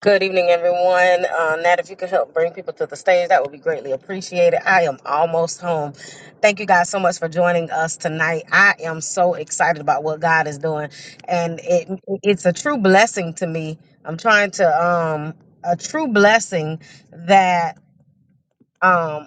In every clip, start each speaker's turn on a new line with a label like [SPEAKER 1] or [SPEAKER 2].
[SPEAKER 1] Good evening, everyone. Uh, Nat, if you could help bring people to the stage, that would be greatly appreciated. I am almost home. Thank you guys so much for joining us tonight. I am so excited about what God is doing, and it it's a true blessing to me. I'm trying to um a true blessing that um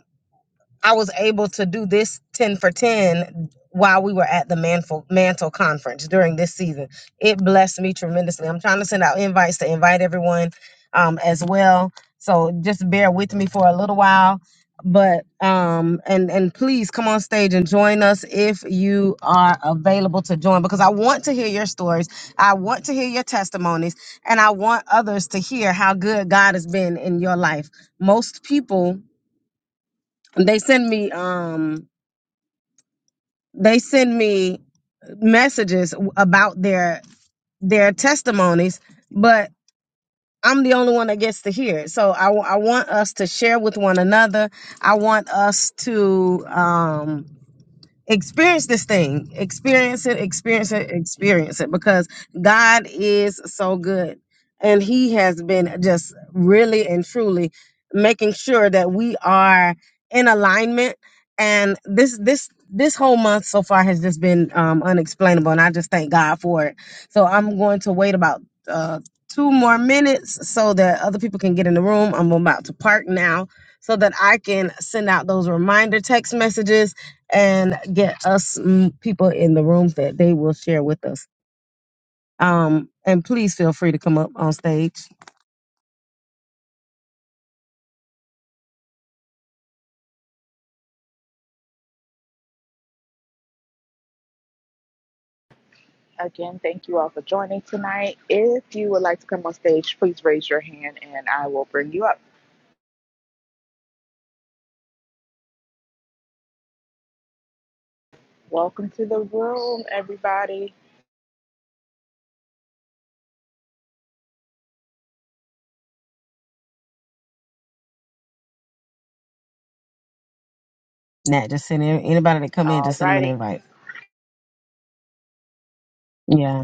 [SPEAKER 1] I was able to do this 10 for 10 while we were at the Mantle, Mantle Conference during this season. It blessed me tremendously. I'm trying to send out invites to invite everyone um, as well. So just bear with me for a little while. But um and and please come on stage and join us if you are available to join because I want to hear your stories. I want to hear your testimonies and I want others to hear how good God has been in your life. Most people they send me um they send me messages about their their testimonies but i'm the only one that gets to hear it so i, wa- I want us to share with one another i want us to um experience this thing experience it experience it experience it because god is so good and he has been just really and truly making sure that we are in alignment and this this this whole month so far has just been um, unexplainable and i just thank god for it so i'm going to wait about uh, two more minutes so that other people can get in the room i'm about to park now so that i can send out those reminder text messages and get us mm, people in the room that they will share with us. Um, and please feel free to come up on stage.
[SPEAKER 2] Again, thank you all for joining tonight. If you would like to come on stage, please raise your hand and I will bring you up. Welcome to the room, everybody.
[SPEAKER 1] Nah, just send in, anybody that come in,
[SPEAKER 2] All
[SPEAKER 1] just send them an
[SPEAKER 2] righty.
[SPEAKER 1] invite. Yeah,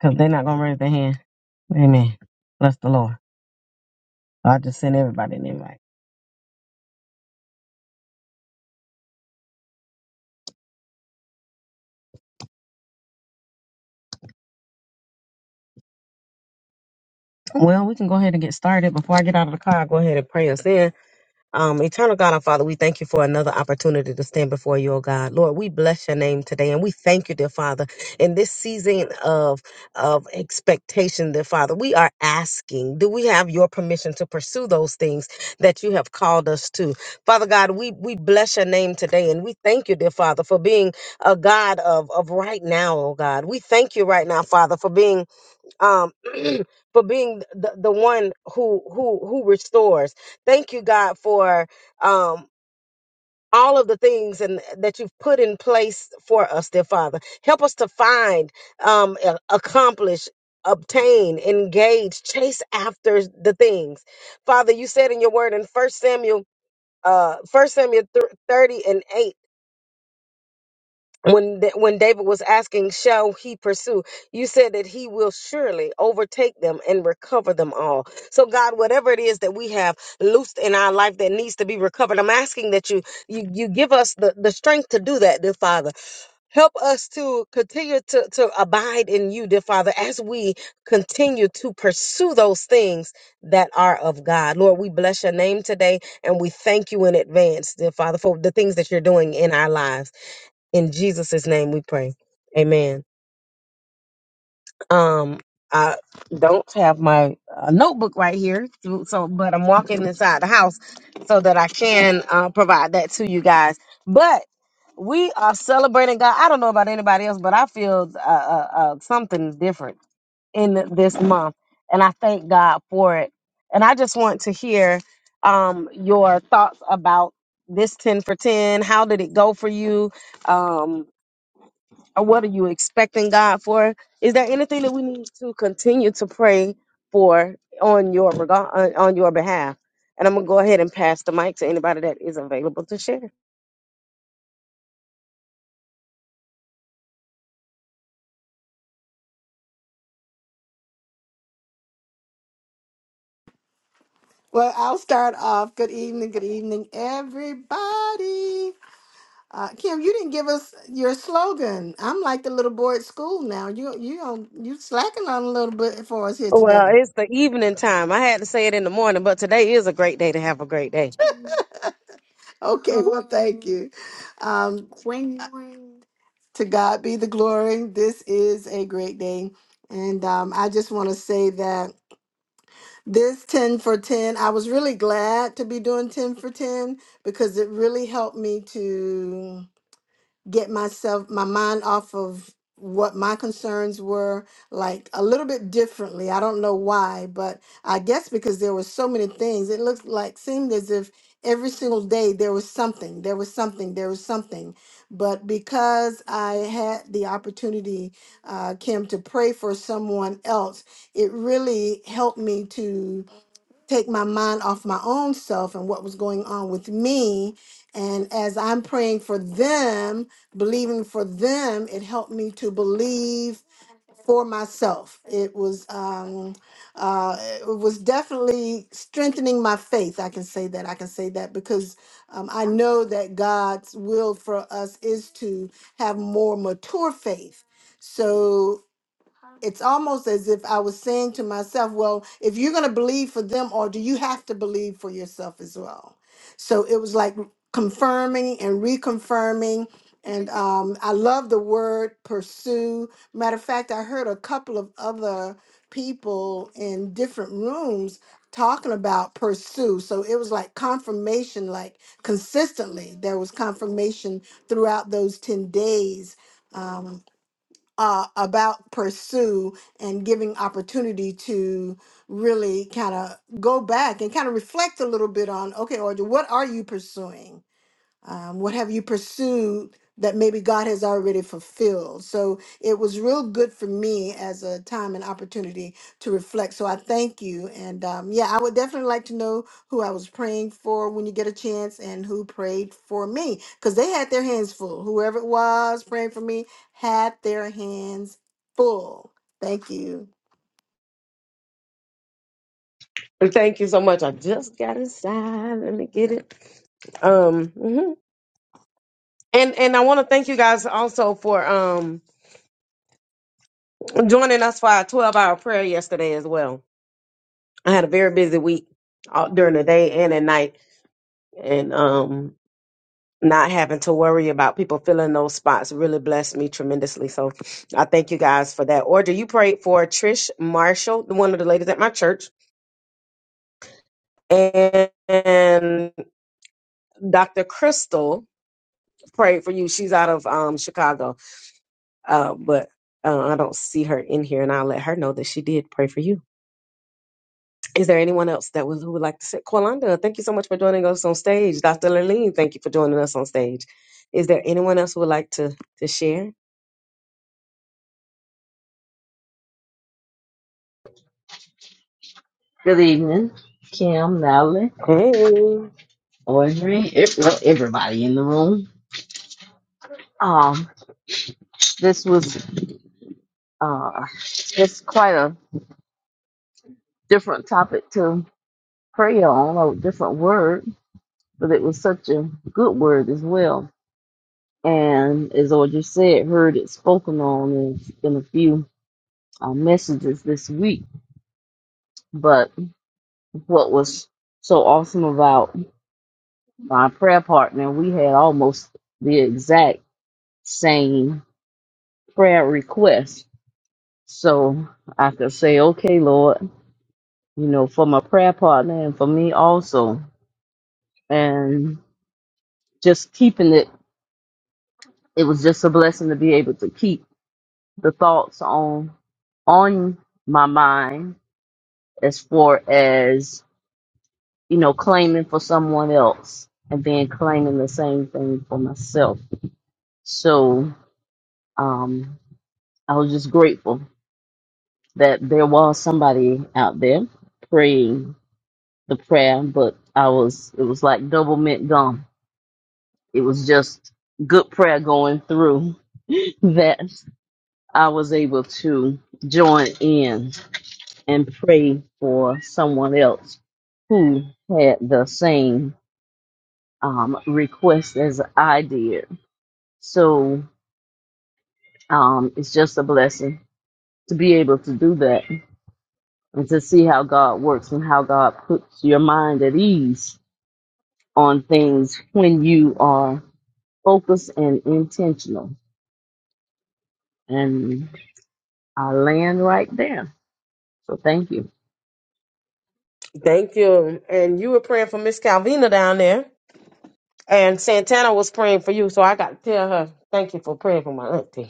[SPEAKER 1] because they're not gonna raise their hand. Amen. Bless the Lord. So I just send everybody an invite. Well, we can go ahead and get started. Before I get out of the car, I'll go ahead and pray us in. Um, Eternal God, our Father, we thank you for another opportunity to stand before you, oh God. Lord, we bless your name today and we thank you, dear Father. In this season of of expectation, dear Father, we are asking, do we have your permission to pursue those things that you have called us to? Father God, we we bless your name today and we thank you, dear Father, for being a God of, of right now, oh God. We thank you right now, Father, for being um for being the, the one who who who restores thank you god for um all of the things and that you've put in place for us dear father help us to find um a- accomplish obtain engage chase after the things father you said in your word in first samuel uh first samuel 30 and 8 when Da- when David was asking, "Shall he pursue?" You said that he will surely overtake them and recover them all. So God, whatever it is that we have loosed in our life that needs to be recovered, I'm asking that you you you give us the the strength to do that, dear Father. Help us to continue to, to abide in you, dear Father, as we continue to pursue those things that are of God. Lord, we bless your name today and we thank you in advance, dear Father, for the things that you're doing in our lives. In Jesus' name we pray. Amen. Um, I don't have my uh, notebook right here, so so- but I'm walking inside the house so that I can uh, provide that to you guys. But we are celebrating God. I don't know about anybody else, but I feel uh, uh, uh, something different in this month, and I thank God for it. And I just want to hear um, your thoughts about this 10 for 10. How did it go for you? Um, or what are you expecting God for? Is there anything that we need to continue to pray for on your regard on on your behalf? And I'm gonna go ahead and pass the mic to anybody that is available to share.
[SPEAKER 3] Well, I'll start off. Good evening, good evening, everybody. Uh, Kim, you didn't give us your slogan. I'm like the little boy at school now. You you on- you slacking on a little bit for us here
[SPEAKER 1] Well,
[SPEAKER 3] today.
[SPEAKER 1] it's the evening time. I had to say it in the morning, but today is a great day to have a great day.
[SPEAKER 3] Okay, well, thank you. Um, Wing, wing. To God be the glory. This is a great day, and um, I just want to say that this 10 for 10, I was really glad to be doing 10 for 10 because it really helped me to. get myself my mind off of what my concerns were like a little bit differently i don't know why but i guess because there were so many things it looked like seemed as if every single day there was something there was something there was something but because i had the opportunity uh, kim to pray for someone else it really helped me take my mind off my own self and what was going on with me. And as I'm praying for them, believing for them, it helped me to believe for myself. It was um, uh, it was definitely strengthening my faith. I can say that. I can say that because um, I know that God's will for us is to have more mature faith. So it's almost as if I was saying to myself, well, if you're going to believe for them, or do you have to believe for yourself as well? So it was like confirming and reconfirming. And um, I love the word pursue. Matter of fact, I heard a couple of other people in different rooms talking about pursue. So it was like confirmation, like consistently, there was confirmation throughout those 10 days Um, uh, about pursue and giving opportunity to really kind of go back and kind of reflect a little bit on okay, Audrey, what are you pursuing? um, what have you pursued that maybe God has already fulfilled? So it was real good for me as a time and opportunity to reflect. So I thank you. And um, yeah, I would definitely like to know who I was praying for when you get a chance and who prayed for me because they had their hands full. Whoever it was praying for me had their hands full. Thank you.
[SPEAKER 1] And Thank you so much. I just got inside. Let me get it. Um, mhm. and and I want to thank you guys also for um joining us for our 12 hour prayer yesterday as well I had a very busy week all, during the day and at night, and um, not having to worry about people filling those spots really blessed me tremendously. So I thank you guys for that. Order you prayed for Trish Marshall, one of the ladies at my church, and, and Dr. Crystal prayed for you. She's out of um, Chicago, uh, but uh, I don't see her in here, and I'll let her know that she did pray for you. Is there anyone else that would, who would like to say? Kwalanda, thank you so much for joining us on stage. Dr. Laleen, thank you for joining us on stage. Is there anyone else who would like to, to share?
[SPEAKER 4] Good evening, Kim, Natalie,
[SPEAKER 1] Hey,
[SPEAKER 4] Audrey, ev- well, everybody in the room. Um, this was uh, it's quite a different topic to pray on, a different word, but it was such a good word as well. And as Audrey said, heard it spoken on in, in a few uh, messages this week. But what was so awesome about my prayer partner, we had almost the exact same prayer request So I could say, okay, Lord, you know, for my prayer partner and for me also. And just keeping it, it was just a blessing to be able to keep the thoughts on on my mind as far as, you know, claiming for someone else and then claiming the same thing for myself. So um I was just grateful that there was somebody out there praying the prayer, but I was it was like double mint gum. It was just good prayer going through that I was able to join in and pray for someone else who had the same um, request as I did. So um, it's just a blessing to be able to do that and to see how God works and how God puts your mind at ease on things when you are focused and intentional. And I land right there. So thank you.
[SPEAKER 1] thank you. And you were praying for Miss Calvina down there, and Santana was praying for you. So I got to tell her, thank you for praying for my auntie.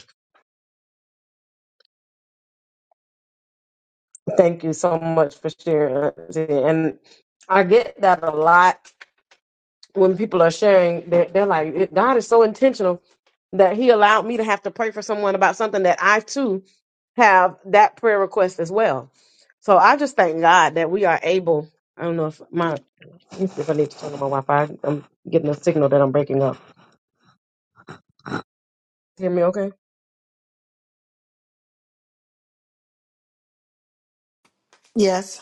[SPEAKER 1] Thank you so much for sharing. auntie. And I get that a lot when people are sharing, they're, they're like, "It- God is so intentional that He allowed me to have to pray for someone about something that I too have that prayer request as well. So I just thank God that we are able. I don't know if my if I need to turn on my Wi-Fi. I'm getting a signal that I'm breaking up. Hear me? Okay.
[SPEAKER 3] Yes.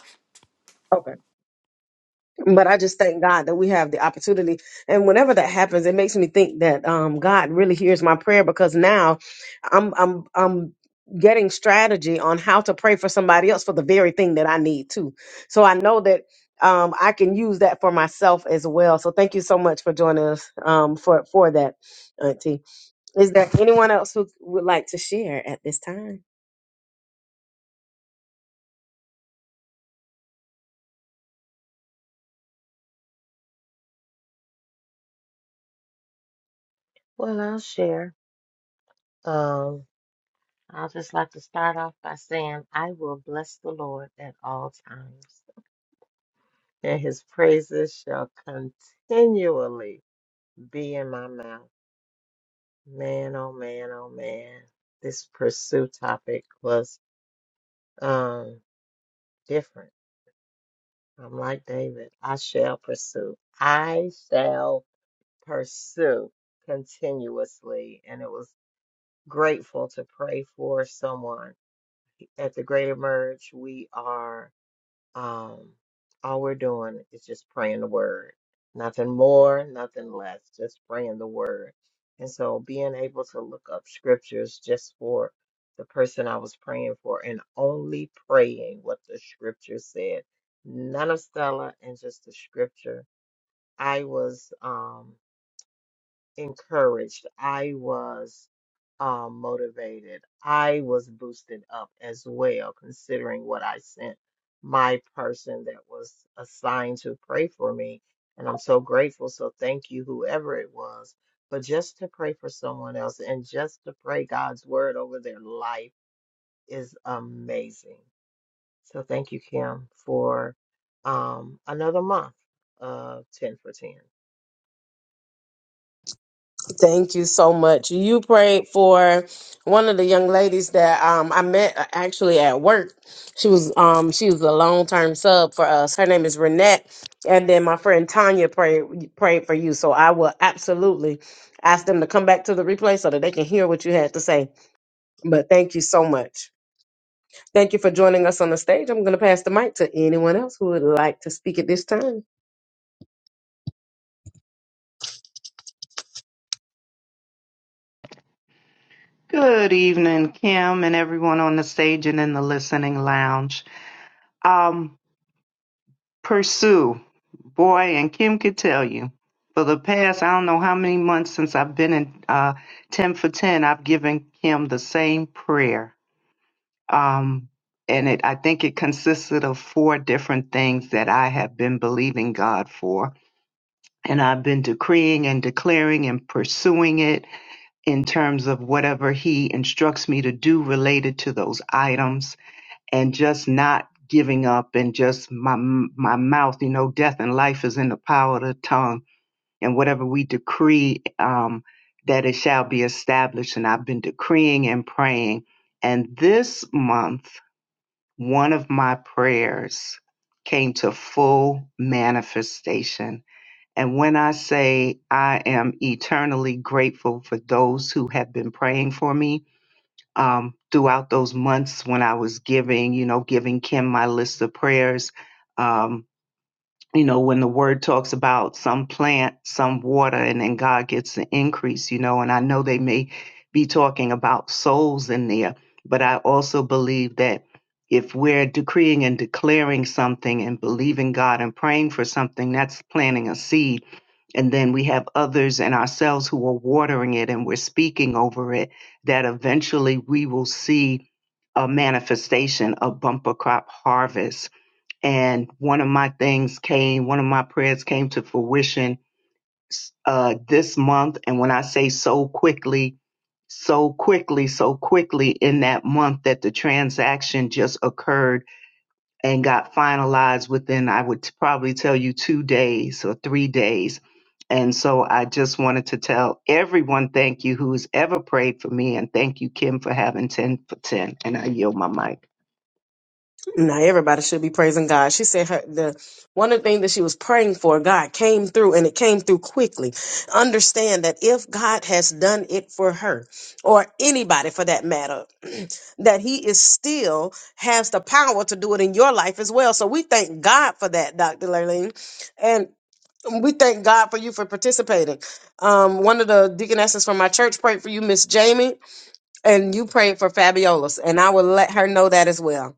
[SPEAKER 1] but I just thank God that we have the opportunity. And whenever that happens, it makes me think that um, God really hears my prayer because now I'm I'm I'm getting strategy on how to pray for somebody else for the very thing that I need too. So I know that um, I can use that for myself as well. So thank you so much for joining us um, for for that, Auntie. Is there anyone else who would like to share at this time?
[SPEAKER 5] Well, I'll share. Um, I'll just like to start off by saying, I will bless the Lord at all times, and his praises shall continually be in my mouth. Man, oh man, oh man. This pursue topic was um different. I'm like David. I shall pursue. I shall pursue continuously. And it was grateful to pray for someone At the Greater Merge, we are, um, all we're doing is just praying the word. Nothing more, nothing less, just praying the word. And so being able to look up scriptures just for the person I was praying for and only praying what the scripture said. None of Stella and just the scripture. I was, um encouraged. I was um, motivated. I was boosted up as well, considering what I sent my person that was assigned to pray for me. And I'm so grateful. So thank you, whoever it was. But just to pray for someone else and just to pray God's word over their life is amazing. So thank you, Kim, for um, another month of 10 for 10.
[SPEAKER 1] Thank you so much. You prayed for one of the young ladies that um, I met uh, actually at work. She was um, she was a long term sub for us. Her name is Renette, and then my friend Tanya prayed prayed for you. So I will absolutely ask them to come back to the replay so that they can hear what you had to say. But thank you so much. Thank you for joining us on the stage. I'm going to pass the mic to anyone else who would like to speak at this time.
[SPEAKER 6] Good evening, Kim, and everyone on the stage and in the listening lounge. Um, Pursue, boy, and Kim could tell you. For the past, I don't know how many months since I've been in uh, 10 for 10, I've given Kim the same prayer. Um, and it, I think it consisted of four different things that I have been believing God for. And I've been decreeing and declaring and pursuing it in terms of whatever he instructs me to do related to those items and just not giving up and just my my mouth you know death and life is in the power of the tongue and whatever we decree um that it shall be established and I've been decreeing and praying and this month one of my prayers came to full manifestation and when I say I am eternally grateful for those who have been praying for me um, throughout those months when I was giving, you know, giving Kim my list of prayers, um, you know, when the word talks about some plant, some water, and then God gets the increase, you know, and I know they may be talking about souls in there, but I also believe that if we're decreeing and declaring something and believing God and praying for something, that's planting a seed and then we have others and ourselves who are watering it and we're speaking over it that eventually we will see a manifestation, a bumper crop harvest. And one of my things came, one of my prayers came to fruition uh, this month. And when I say so quickly, so quickly, so quickly in that month that the transaction just occurred and got finalized within, I would t- probably tell you, two days or three days. And so I just wanted to tell everyone thank you who's ever prayed for me. And thank you, Kim, for having 10 for 10. And I yield my mic.
[SPEAKER 1] Now, everybody should be praising God. She said her the one of the things that she was praying for, God came through, and it came through quickly. Understand that if God has done it for her, or anybody for that matter, that He is still has the power to do it in your life as well. So we thank God for that, Dr. Lurleen, and we thank God for you for participating. Um, one of the deaconesses from my church prayed for you, Miss Jamie and you prayed for Fabiola's, and I will let her know that as well.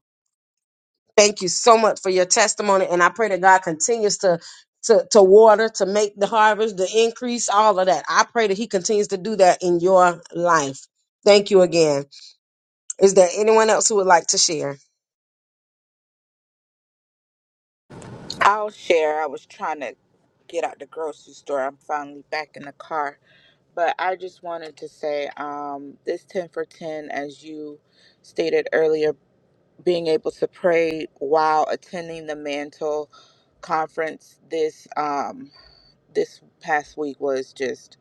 [SPEAKER 1] Thank you so much for your testimony, and I pray that God continues to to to water, to make the harvest, the increase, all of that. I pray that He continues to do that in your life. Thank you again. Is there anyone else who would like to share?
[SPEAKER 2] I'll share. I was trying to get out the grocery store. I'm finally back in the car. But I just wanted to say um, this 10 for 10, as you stated earlier, being able to pray while attending the Mantle conference this um, this past week was just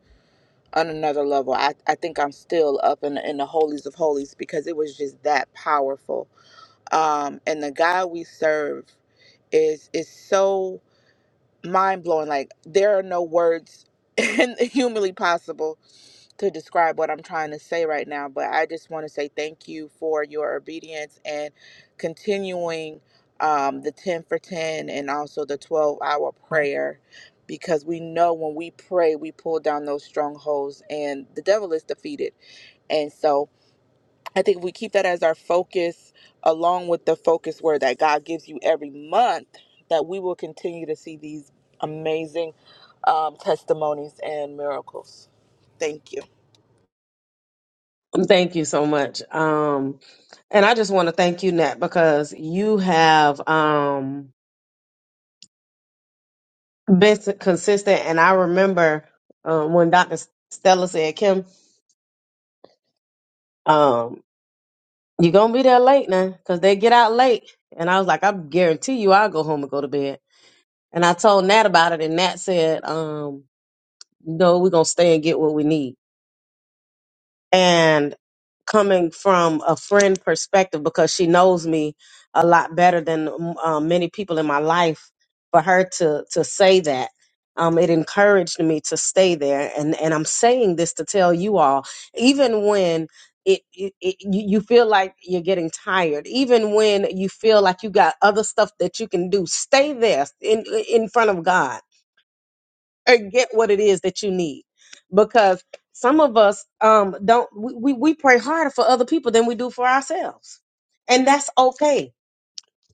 [SPEAKER 2] on another level. I, I think I'm still up in, in the holies of holies because it was just that powerful. Um, and the God we serve is is so mind blowing. Like there are no words humanly possible to describe what I'm trying to say right now, but I just want to say thank you for your obedience and continuing um, the 10 for 10 and also the 12 hour prayer because we know when we pray, we pull down those strongholds and the devil is defeated. And so I think if we keep that as our focus, along with the focus word that God gives you every month, that we will continue to see these amazing um, testimonies and miracles. Thank you.
[SPEAKER 1] Thank you so much. Um, and I just want to thank you, Nat, because you have um, been s- consistent. And I remember um, when Dr. Stella said, Kim, um, you're going to be there late now because they get out late. And I was like, I guarantee you I'll go home and go to bed. And I told Nat about it, and Nat said, um, No, we're going to stay and get what we need. and coming from a friend perspective because she knows me a lot better than um, many people in my life for her to to say that um, it encouraged me to stay there and and i'm saying this to tell you all even when it, it, it you you feel like you're getting tired even when you feel like you got other stuff that you can do stay there in in front of god or get what it is that you need because some of us um don't we, we we pray harder for other people than we do for ourselves and that's okay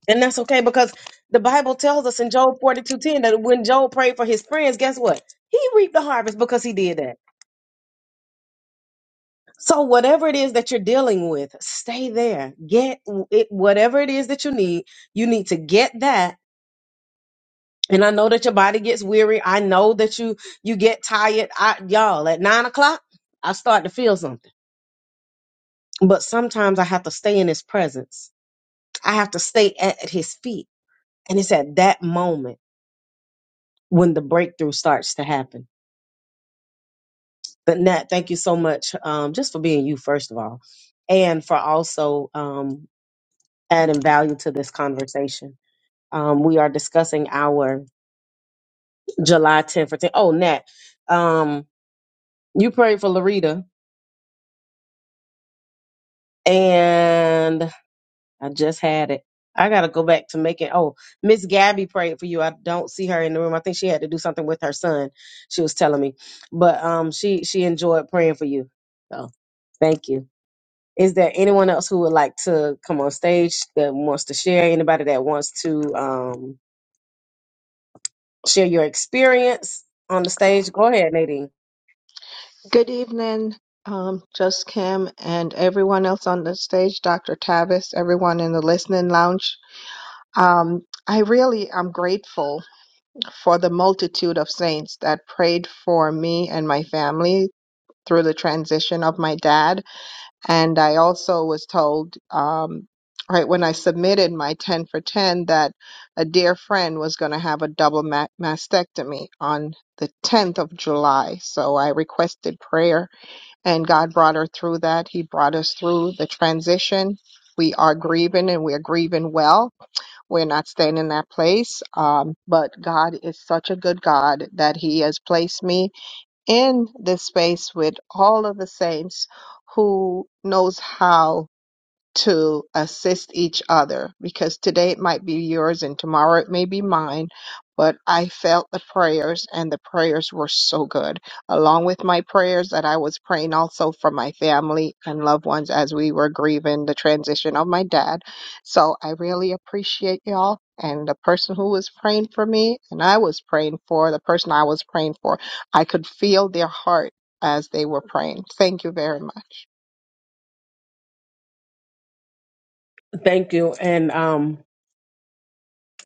[SPEAKER 1] and that's okay because the bible tells us in job 42 10 that when job prayed for his friends guess what he reaped the harvest because he did that so whatever it is that you're dealing with stay there get it whatever it is that you need you need to get that And I know that your body gets weary. I know that you you get tired. I, y'all, at nine o'clock, I start to feel something. But sometimes I have to stay in His presence. I have to stay at, at His feet. And it's at that moment when the breakthrough starts to happen. But Nat, thank you so much um, just for being you, first of all, and for also um, adding value to this conversation. Um, we are discussing our July 10th. for 10 Oh, Nat, um, you prayed for Larita and I just had it. I gotta go back to making. Oh, Miss Gabby prayed for you. I don't see her in the room. I think she had to do something with her son. She was telling me, but um, she she enjoyed praying for you. So thank you. Is there anyone else who would like to come on stage that wants to share? Anybody that wants to um share your experience on the stage? Go ahead, Nadine.
[SPEAKER 7] Good evening, um, just Kim and everyone else on the stage, Dr. Tavis, everyone in the listening lounge. Um, I really am grateful for the multitude of saints that prayed for me and my family through the transition of my dad. And I also was told, um, right when I submitted my 10 for 10, that a dear friend was going to have a double ma- mastectomy on the 10th of July. So I requested prayer and God brought her through that. He brought us through the transition. We are grieving and we're grieving well. We're not staying in that place. Um, but God is such a good God that He has placed me in this space with all of the saints who knows how to assist each other because today it might be yours and tomorrow it may be mine. But I felt the prayers and the prayers were so good, along with my prayers that I was praying also for my family and loved ones as we were grieving the transition of my dad. So I really appreciate y'all and the person who was praying for me and I was praying for, the person I was praying for, I could feel their heart as they were praying. Thank you very much.
[SPEAKER 1] Thank you. And um,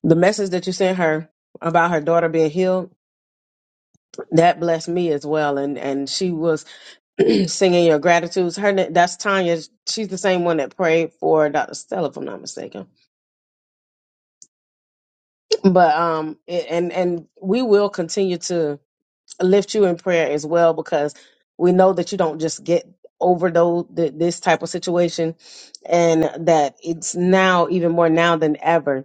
[SPEAKER 1] the message that you sent her about her daughter being healed That blessed me as well, and and she was singing your gratitudes. Her na- that's Tanya. She's the same one that prayed for Dr. Stella, if I'm not mistaken. But um, it, and and we will continue to lift you in prayer as well because we know that you don't just get over those th- this type of situation, and that it's now even more now than ever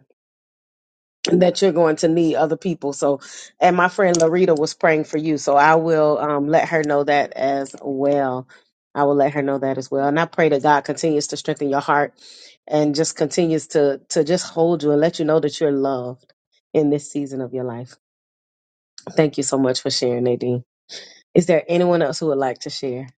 [SPEAKER 1] that you're going to need other people. So, and my friend Larita was praying for you. So I will um, let her know that as well. I will let her know that as well. And I pray that God continues to strengthen your heart and just continues to to just hold you and let you know that you're loved in this season of your life. Thank you so much for sharing, Nadine. Is there anyone else who would like to share?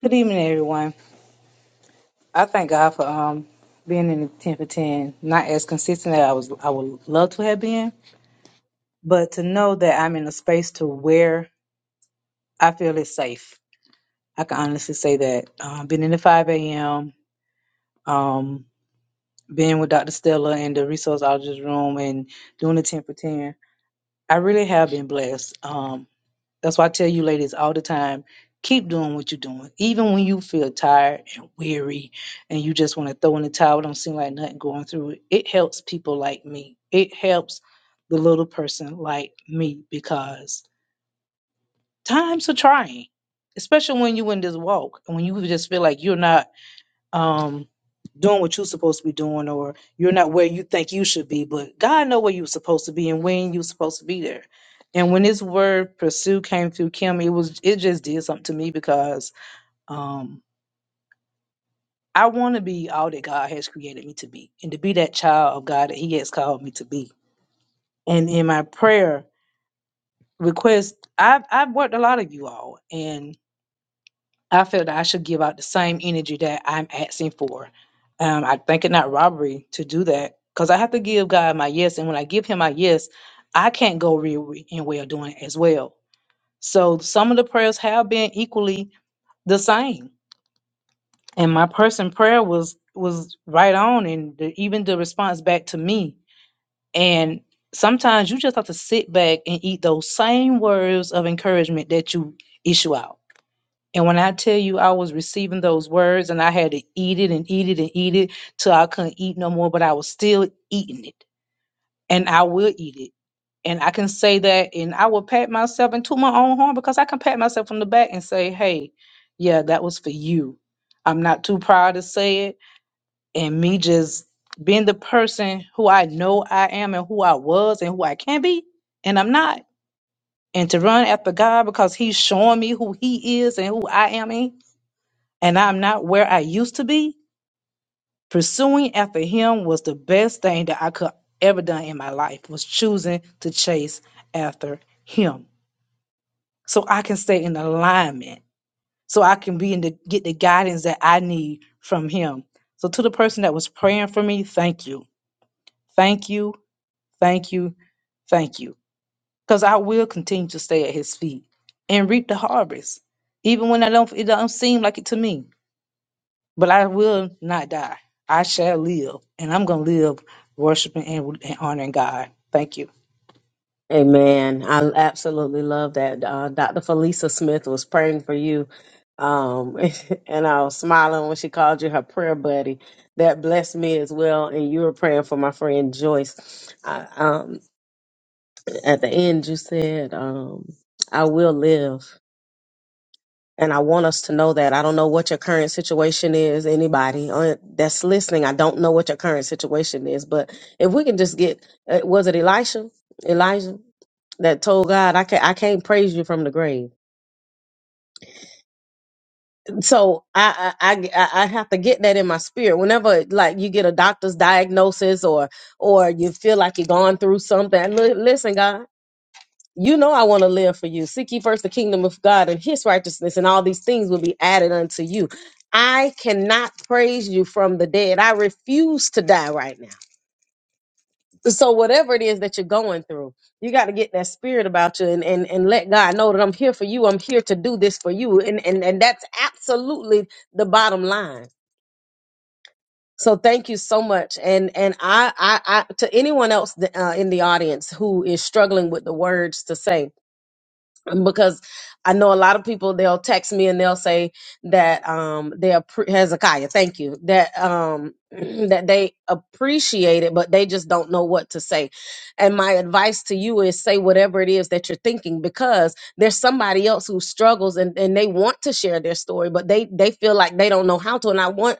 [SPEAKER 8] Good evening, everyone. I thank God for um being in the ten for ten, not as consistent as I was I would love to have been, but to know that I'm in a space to where I feel it's safe. I can honestly say that um, being in the five a.m. Um, being with Dr. Stella in the resource auditor's room and doing the ten for ten, I really have been blessed. Um, That's why I tell you ladies all the time, keep doing what you're doing. Even when you feel tired and weary and you just want to throw in the towel, don't seem like nothing going through it. It helps people like me. It helps the little person like me because times are trying. Especially when you in this walk and when you just feel like you're not um doing what you're supposed to be doing or you're not where you think you should be but god know where you're supposed to be and when you're supposed to be there and when this word pursue came through kim it was it just did something to me because um i want to be all that god has created me to be and to be that child of god that he has called me to be and in my prayer request i've i've worked a lot of you all and. I feel that I should give out the same energy that I'm asking for. Um, I think it not robbery to do that because I have to give God my yes, and when I give Him my yes, I can't go real and well doing as well. So some of the prayers have been equally the same, and my person prayer was was right on, and the, even the response back to me. And sometimes you just have to sit back and eat those same words of encouragement that you issue out and when I tell you I was receiving those words and I had to eat it and eat it and eat it till I couldn't eat no more, but I was still eating it and I will eat it. And I can say that and I will pat myself into my own horn because I can pat myself on the back and say, hey, yeah, that was for you. I'm not too proud to say it. And me just being the person who I know I am and who I was and who I can be and I'm not. And to run after God because He's showing me who He is and who I am in and I'm not where I used to be, pursuing after him was the best thing that I could ever done in my life was choosing to chase after him. So I can stay in alignment. So I can be in the get the guidance that I need from him. So to the person that was praying for me, thank you. Thank you. Thank you. Thank you. Because I will continue to stay at his feet and reap the harvest. Even when I don't it don't seem like it to me. but I will not die. I shall live, and I'm going to live worshiping and, and honoring God. Thank you.
[SPEAKER 1] Amen. I absolutely love that. Uh, Dr. Felisa Smith was praying for you. Um, and I was smiling when she called you her prayer buddy. That blessed me as well. And you were praying for my friend Joyce. I, um, at the end, you said, um, I will live. And I want us to know that. I don't know what your current situation is, anybody uh, that's listening. I don't know what your current situation is, but if we can just get, uh, was it Elisha? Elijah that told God, I can't, I can't praise you from the grave. So I, I, I, I I have to get that in my spirit. Whenever like you get a doctor's diagnosis or, or you feel like you're going through something, li- listen, God. You know I want to live for you. Seek ye first the kingdom of God and his righteousness, and all these things will be added unto you. I cannot praise you from the dead. I refuse to die right now. So whatever it is that you're going through, you got to get that spirit about you and, and, and let God know that I'm here for you. I'm here to do this for you. And, and and that's absolutely the bottom line. So thank you so much. And and I I, I to anyone else uh, in the audience who is struggling with the words to say, because I know a lot of people they'll text me and they'll say that um they appre- Hezekiah, thank you that um that they appreciate it, but they just don't know what to say. And my advice to you is say whatever it is that you're thinking because there's somebody else who struggles and and they want to share their story, but they they feel like they don't know how to. And I want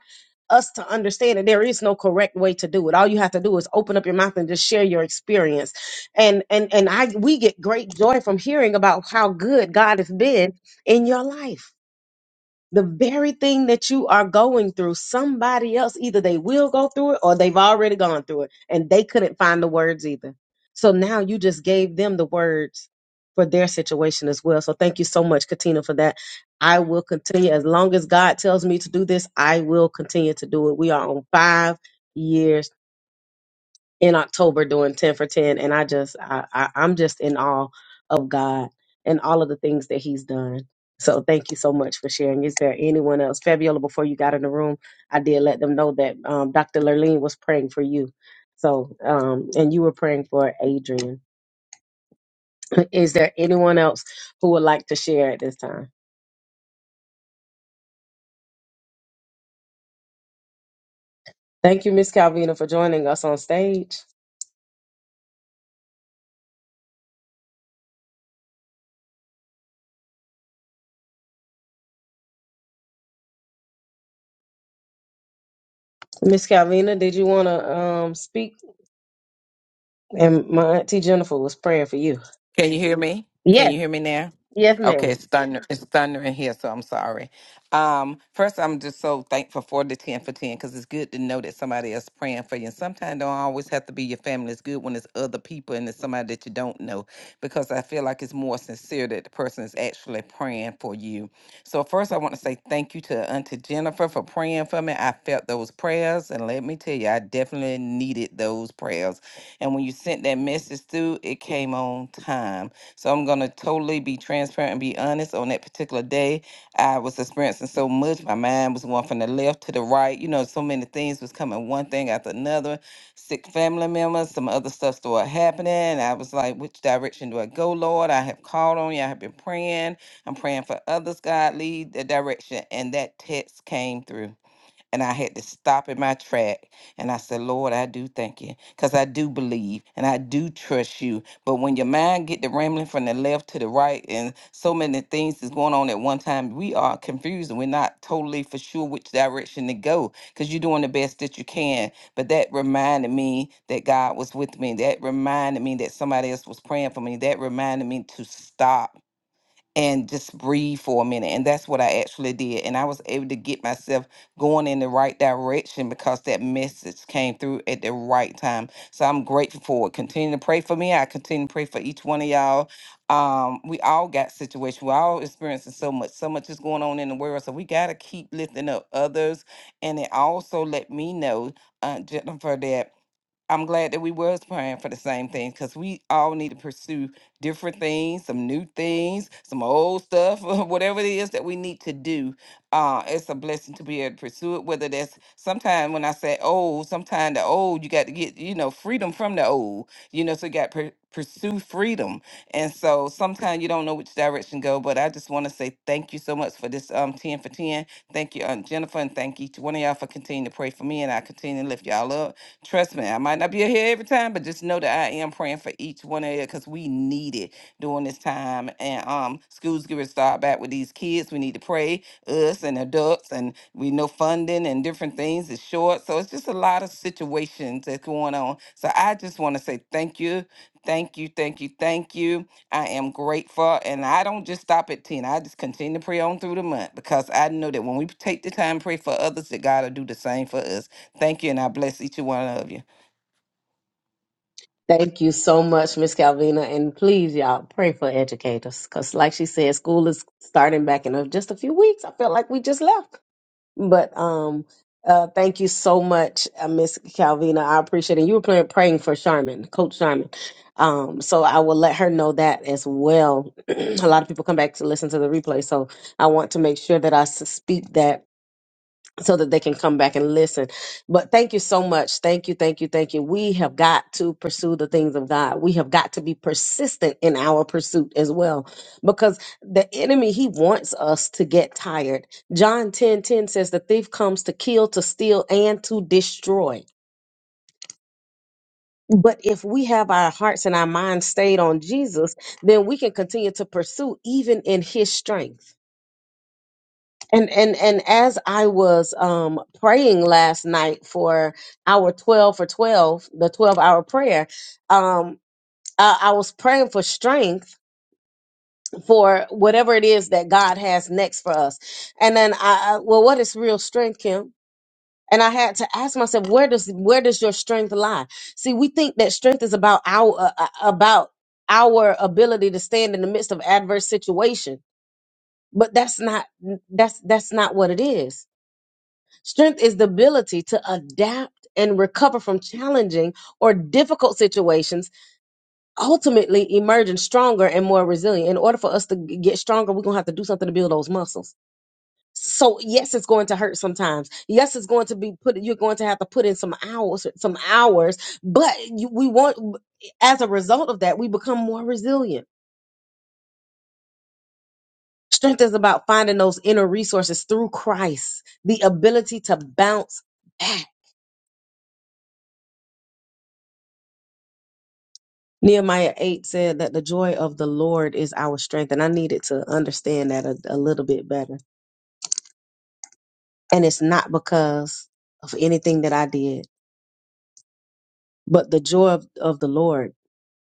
[SPEAKER 1] us to understand that there is no correct way to do it. All you have to do is open up your mouth and just share your experience and and and I we get great joy from hearing about how good God has been in your life. The very thing that you are going through, somebody else either they will go through it or they've already gone through it and they couldn't find the words either. So now you just gave them the words for their situation as well. So thank you so much Katina for that. I will continue as long as God tells me to do this, I will continue to do it. We are on 5 years in October doing 10 for 10. And I just, I, I, I'm just in awe of God and all of the things that He's done. So thank you so much for sharing. Is there anyone else? Fabiola, before you got in the room, I did let them know that um, Dr. Lurleen was praying for you. So, um, and you were praying for Adrian. Is there anyone else who would like to share at this time? Thank you, Miss Calvina, for joining us on stage. Miss Calvina, did you want to um speak? And my auntie Jennifer was praying for you.
[SPEAKER 9] Can you hear me? Can
[SPEAKER 1] Yes,
[SPEAKER 9] you hear me now?
[SPEAKER 1] yes,
[SPEAKER 9] Okay,
[SPEAKER 1] ma'am.
[SPEAKER 9] it's thunder. It's thundering here, so I'm sorry. Um, first, I'm just so thankful for the ten for ten because it's good to know that somebody is praying for you. And sometimes don't always have to be your family. It's good when it's other people and it's somebody that you don't know because I feel like it's more sincere that the person is actually praying for you. So first, I want to say thank you to Auntie Jennifer for praying for me. I felt those prayers, and let me tell you, I definitely needed those prayers. And when you sent that message through, it came on time. So I'm going to totally be transparent and be honest. On that particular day, I was experiencing so much. My mind was going from the left to the right. You know, so many things was coming one thing after another. Sick family members, some other stuff started happening. I was like, which direction do I go, Lord? I have called on you. I have been praying. I'm praying for others, God, lead the direction. And that text came through. And I had to stop in my track and I said, Lord, I do thank you because I do believe and I do trust you. But when your mind get to rambling from the left to the right and so many things is going on at one time, we are confused and we're not totally for sure which direction to go because you're doing the best that you can. But that reminded me that God was with me. That reminded me that somebody else was praying for me. That reminded me to stop and just breathe for a minute. And that's what I actually did. And I was able to get myself going in the right direction because that message came through at the right time. So I'm grateful for it. Continue to pray for me. I continue to pray for each one of y'all. Um, we all got situations. We're all experiencing so much. So much is going on in the world. So we got to keep lifting up others. And it also let me know, Aunt Jennifer, that I'm glad that we was praying for the same thing because we all need to pursue different things, some new things, some old stuff, whatever it is that we need to do. Uh, it's a blessing to be able to pursue it. Whether that's sometimes when I say old, sometimes the old you got to get you know freedom from the old, you know, so you got to pursue freedom. And so sometimes you don't know which direction go. But I just want to say thank you so much for this um ten for ten. Thank you, Aunt Jennifer, and thank each one of y'all for continuing to pray for me, and I continue to lift y'all up. Trust me, I might not be here every time, but just know that I am praying for each one of you because we need it during this time. And um, schools get to start back with these kids. We need to pray, us and adults, and we know funding and different things is short. So it's just a lot of situations that's going on. So I just want to say thank you. Thank you, thank you, thank you. I am grateful. And I don't just stop at 10. I just continue to pray on through the month because I know that when we take the time to pray for others, that God will do the same for us. Thank you, and I bless each one of you.
[SPEAKER 1] Thank you so much, Miss Calvina, and please, y'all, pray for educators, because, like she said, school is starting back in uh, just a few weeks. I feel like we just left, but um, uh, thank you so much, uh, Miss Calvina. I appreciate it. You were praying, praying for Charmin, Coach Charmin. Um, so I will let her know that as well. a lot of people come back to listen to the replay, so I want to make sure that I s- speak that so that they can come back and listen. But thank you so much. Thank you, thank you, thank you. We have got to pursue the things of God. We have got to be persistent in our pursuit as well because the enemy, he wants us to get tired. John 10 10 says, The thief comes to kill, to steal, and to destroy. But if we have our hearts and our minds stayed on Jesus, then we can continue to pursue even in his strength And and and as I was um praying last night for our 12 for 12, the 12 hour prayer, um I, I was praying for strength for whatever it is that God has next for us. And then I, I well what is real strength, Kim? And I had to ask myself, where does where does your strength lie? See, we think that strength is about our uh, uh, about our ability to stand in the midst of adverse situation, but that's not that's that's not what it is Strength is the ability to adapt and recover from challenging or difficult situations, ultimately emerging stronger and more resilient. In order for us to g- get stronger, we're going to have to do something to build those muscles. So, yes, it's going to hurt sometimes. Yes, it's going to be put, you're going to have to put in some hours, some hours, but you, we want, as a result of that, we become more resilient. Strength is about finding those inner resources through Christ, the ability to bounce back Nehemiah 8 said that the joy of the Lord is our strength. And I needed to understand that a, a little bit better. And it's not because of anything that I did, but the joy of, of the Lord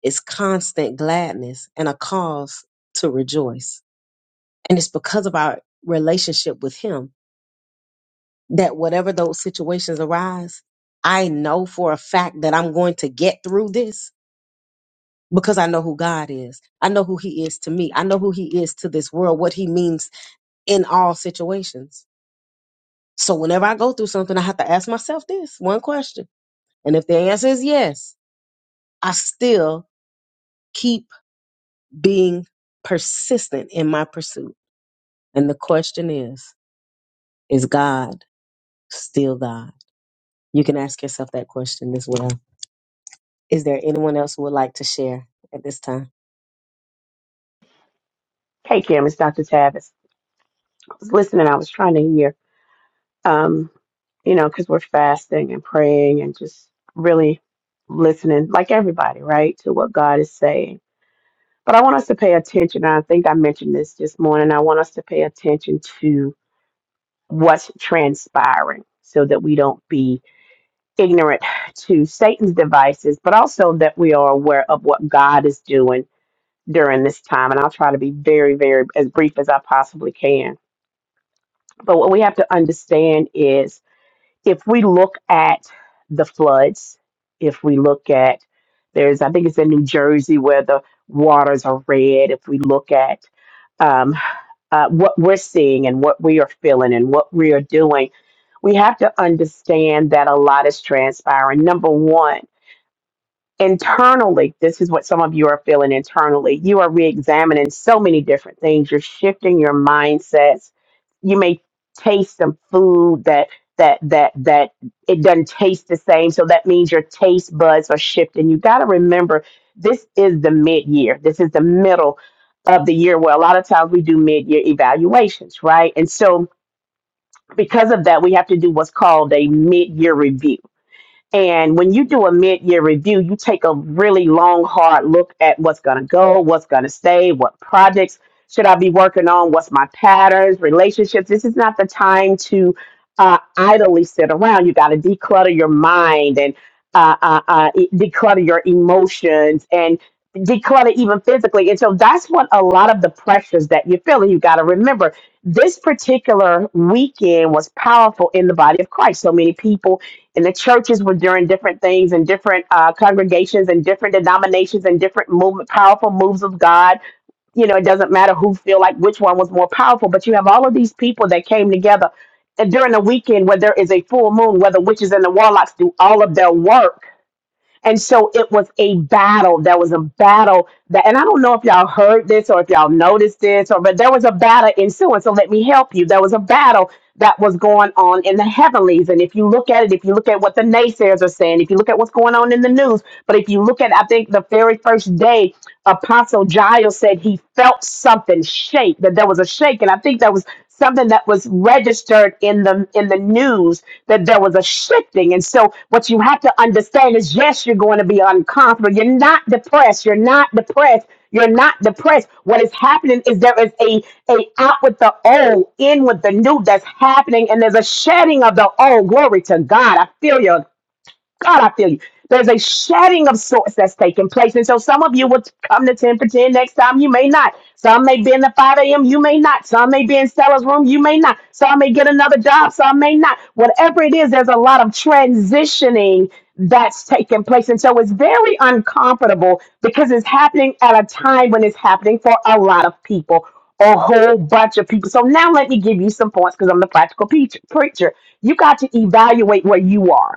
[SPEAKER 1] is constant gladness and a cause to rejoice. And it's because of our relationship with Him that whatever those situations arise, I know for a fact that I'm going to get through this because I know who God is. I know who He is to me. I know who He is to this world, what He means in all situations. So whenever I go through something, I have to ask myself this one question. And if the answer is yes, I still keep being persistent in my pursuit. And the question is, is God still God? You can ask yourself that question as well. Is there anyone else who would like to share at this time?
[SPEAKER 10] Hey, Kim, it's Dr. Tavis. I was listening. I was trying to hear, um, you know, because we're fasting and praying and just really listening, like everybody, right, to what God is saying. But I want us to pay attention. I think I mentioned this this morning. I want us to pay attention to what's transpiring so that we don't be ignorant to Satan's devices, but also that we are aware of what God is doing during this time. And I'll try to be very, very as brief as I possibly can But what we have to understand is if we look at the floods, if we look at there's, I think it's in New Jersey where the waters are red, if we look at um, uh, what we're seeing and what we are feeling and what we are doing, we have to understand that a lot is transpiring. Number one, internally, this is what some of you are feeling internally. You are re examining so many different things. You're shifting your mindsets. You may taste some food that that that that it doesn't taste the same. So that means your taste buds are shifting. You gotta remember this is the mid year. This is the middle of the year where a lot of times we do mid year evaluations, right? And so because of that, we have to do what's called a mid year review and when you do a mid-year review, you take a really long, hard look at what's going to go, what's going to stay, what projects should I be working on, what's my patterns, relationships. This is not the time to uh, idly sit around. You got to declutter your mind and uh, uh, uh, e- declutter your emotions and declutter even physically. And so that's what a lot of the pressures that you're feeling. You got to remember this particular weekend was powerful in the body of Christ. So many people and the churches were doing different things and different uh, congregations and different denominations and different movement, powerful moves of God. You know, it doesn't matter who feel like which one was more powerful, but you have all of these people that came together and during the weekend where there is a full moon, where the witches and the warlocks do all of their work and so it was a battle. There was a battle that, and I don't know if y'all heard this or if y'all noticed this, or but there was a battle ensuing. So let me help you. There was a battle that was going on in the heavenlies. And if you look at it, if you look at what the naysayers are saying, if you look at what's going on in the news, but if you look at, I think the very first day Apostle Giles said he felt something shake, that there was a shake. And I think that was something that was registered in the in the news that there was a shifting. And so what you have to understand is yes, you're going to be uncomfortable. You're not depressed. You're not depressed. You're not depressed. What is happening is there is a, a out with the old, in with the new that's happening, and there's a shedding of the old. Glory to God. I feel you. God, I feel you. There's a shedding of sorts that's taking place. And so some of you will come to 10 for 10 next time. You may not. Some may be in the 5 a.m. You may not. Some may be in Stella's room. You may not. Some may get another job. Some may not. Whatever it is, there's a lot of transitioning that's taking place. And so it's very uncomfortable because it's happening at a time when it's happening for a lot of people, a whole bunch of people. So now let me give you some points because I'm the practical peach- preacher. You got to evaluate where you are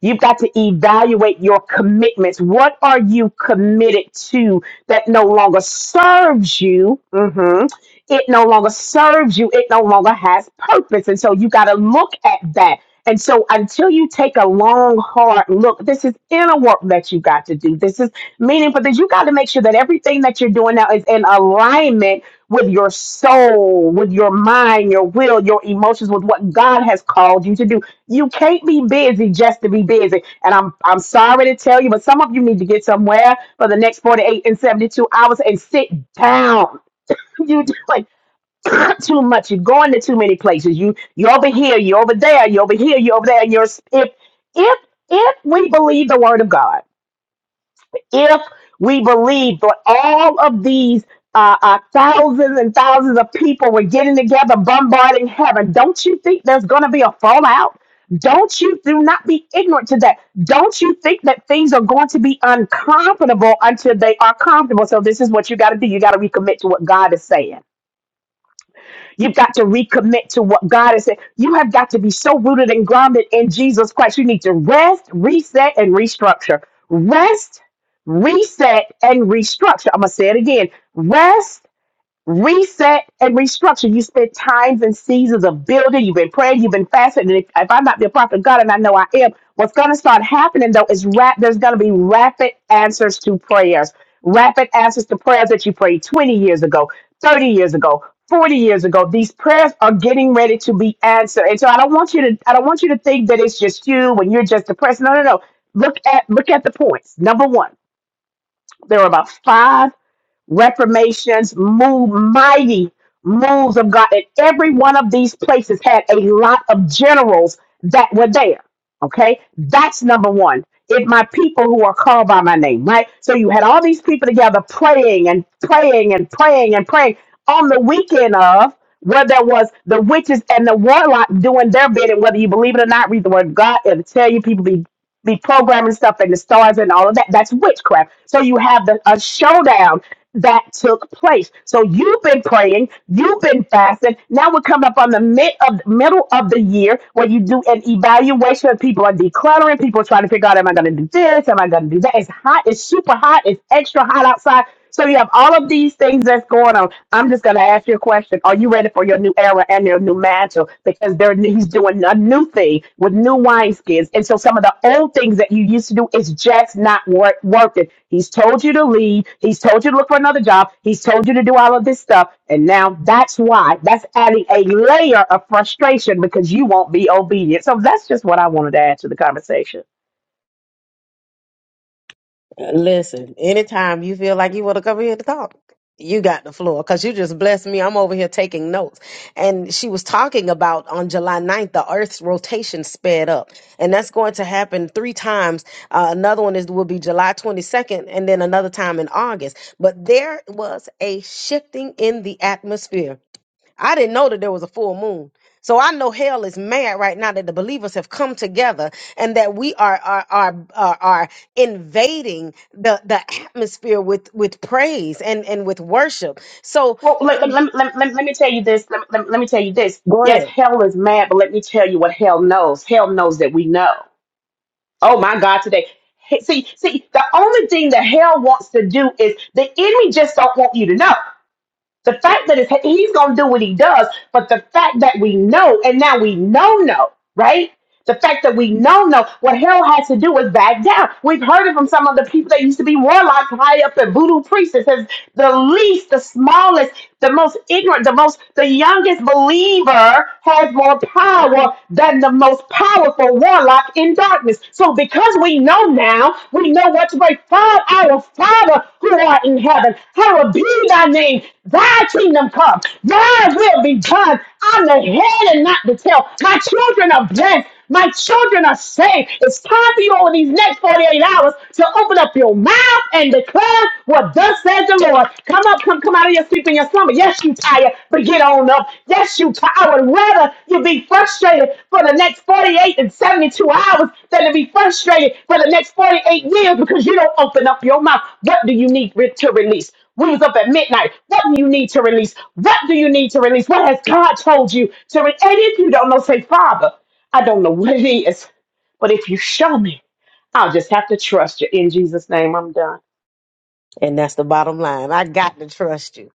[SPEAKER 10] You've got to evaluate your commitments. What are you committed to that no longer serves you? Mhm. It no longer serves you. It no longer has purpose. And so you got to look at that. And so until you take a long, hard look, this is inner work that you got to do. This is meaningful. That you got to make sure that everything that you're doing now is in alignment with your soul, with your mind, your will, your emotions, with what God has called you to do you can't be busy just to be busy. And I'm I'm sorry to tell you, but some of you need to get somewhere for the next 48 and 72 hours and sit down. You do like too much. You're going to too many places. You you over here, you over there, you over here, you over there. You're if if if we believe the word of God if we believe that all of these uh, uh, thousands and thousands of people were getting together, bombarding heaven, don't you think there's going to be a fallout? Don't you do not be ignorant to that. Don't you think that things are going to be uncomfortable until they are comfortable? So this is what you got to do. You got to recommit to what God is saying. You've got to recommit to what God has said. You have got to be so rooted and grounded in Jesus Christ. You need to rest, reset, and restructure. Rest, reset, and restructure. I'm going to say it again. Rest, reset and restructure. You spent times and seasons of building. You've been praying. You've been fasting. And if, if I'm not the prophet of God, and I know I am, what's going to start happening though is rap. There's going to be rapid answers to prayers. Rapid answers to prayers that you prayed 20 years ago, 30 years ago. 40 years ago these prayers are getting ready to be answered and so i don't want you to i don't want you to think that it's just you when you're just depressed no no no look at look at the points number one there are about five reformations, move mighty moves of God. And every one of these places had a lot of generals that were there. Okay, that's number one. If my people who are called by my name, right? So you had all these people together praying and praying and praying and praying on the weekend of where there was the witches and the warlock doing their bidding, whether you believe it or not, read the word of God, it'll tell you people be the programming stuff and the stars and all of that. That's witchcraft. So you have the, a showdown that took place. So you've been praying, you've been fasting. Now we're coming up on the mid of middle of the year where you do an evaluation. of People are decluttering. People trying to figure out, am I going to do this? Am I going to do that? It's hot. It's super hot. It's extra hot outside. So you have all of these things that's going on. I'm just going to ask you a question. Are you ready for your new era and your new mantle? Because they're, he's doing a new thing with new wineskins. And so some of the old things that you used to do is just not work, worth it. He's told you to leave. He's told you to look for another job. He's told you to do all of this stuff. And now that's why. That's adding a layer of frustration because you won't be obedient. So that's just what I wanted to add to the conversation.
[SPEAKER 1] Listen, anytime you feel like you want to come here to talk, you got the floor because you just blessed me. I'm over here taking notes. And she was talking about on July 9th, the Earth's rotation sped up. And that's going to happen three times. Uh, another one is will be July 22nd and then another time in August. But there was a shifting in the atmosphere. I didn't know that there was a full moon. So I know hell is mad right now that the believers have come together and that we are are are are, are invading the the atmosphere with with praise and and with worship. So
[SPEAKER 10] Well, let, let, let, let, let, let me tell you this. Let, let, let me tell you this.
[SPEAKER 1] go
[SPEAKER 10] Yes,
[SPEAKER 1] ahead.
[SPEAKER 10] hell is mad, but let me tell you what hell knows. Hell knows that we know. Oh my God, today. Hey, See, see, the only thing that hell wants to do is the enemy just don't want you to know. The fact that it's, he's going to do what he does, but the fact that we know, and now we know, no, right? The fact that we know, no, what hell has to do is back down. We've heard it from some of the people that used to be warlocks high up at voodoo priests. It says the least, the smallest, the most ignorant, the most, the youngest believer has more power than the most powerful warlock in in darkness. So because we know now, we know what to pray. Father, our Father who art in heaven, hallowed be thy name. Thy kingdom come. Thy will be done. I'm the head and not the tail. My children are blessed. My children are saved. It's time for you over these next 48 hours to open up your mouth and declare what thus says the Lord. Come up, come, come out of your sleep in your slumber. Yes, you tired, but get on up. Yes, you tired. I would rather you be frustrated for the next 48 and 72 hours than to be frustrated for the next 48 years because you don't open up your mouth. What do you need re- to release? We was up at midnight. What do you need to release? What do you need to release? What has God told you to release? And if you don't know, say, Father, I don't know what it is, but if you show me, I'll just have to trust you. In Jesus' name, I'm done.
[SPEAKER 1] And that's the bottom line. I got to trust you.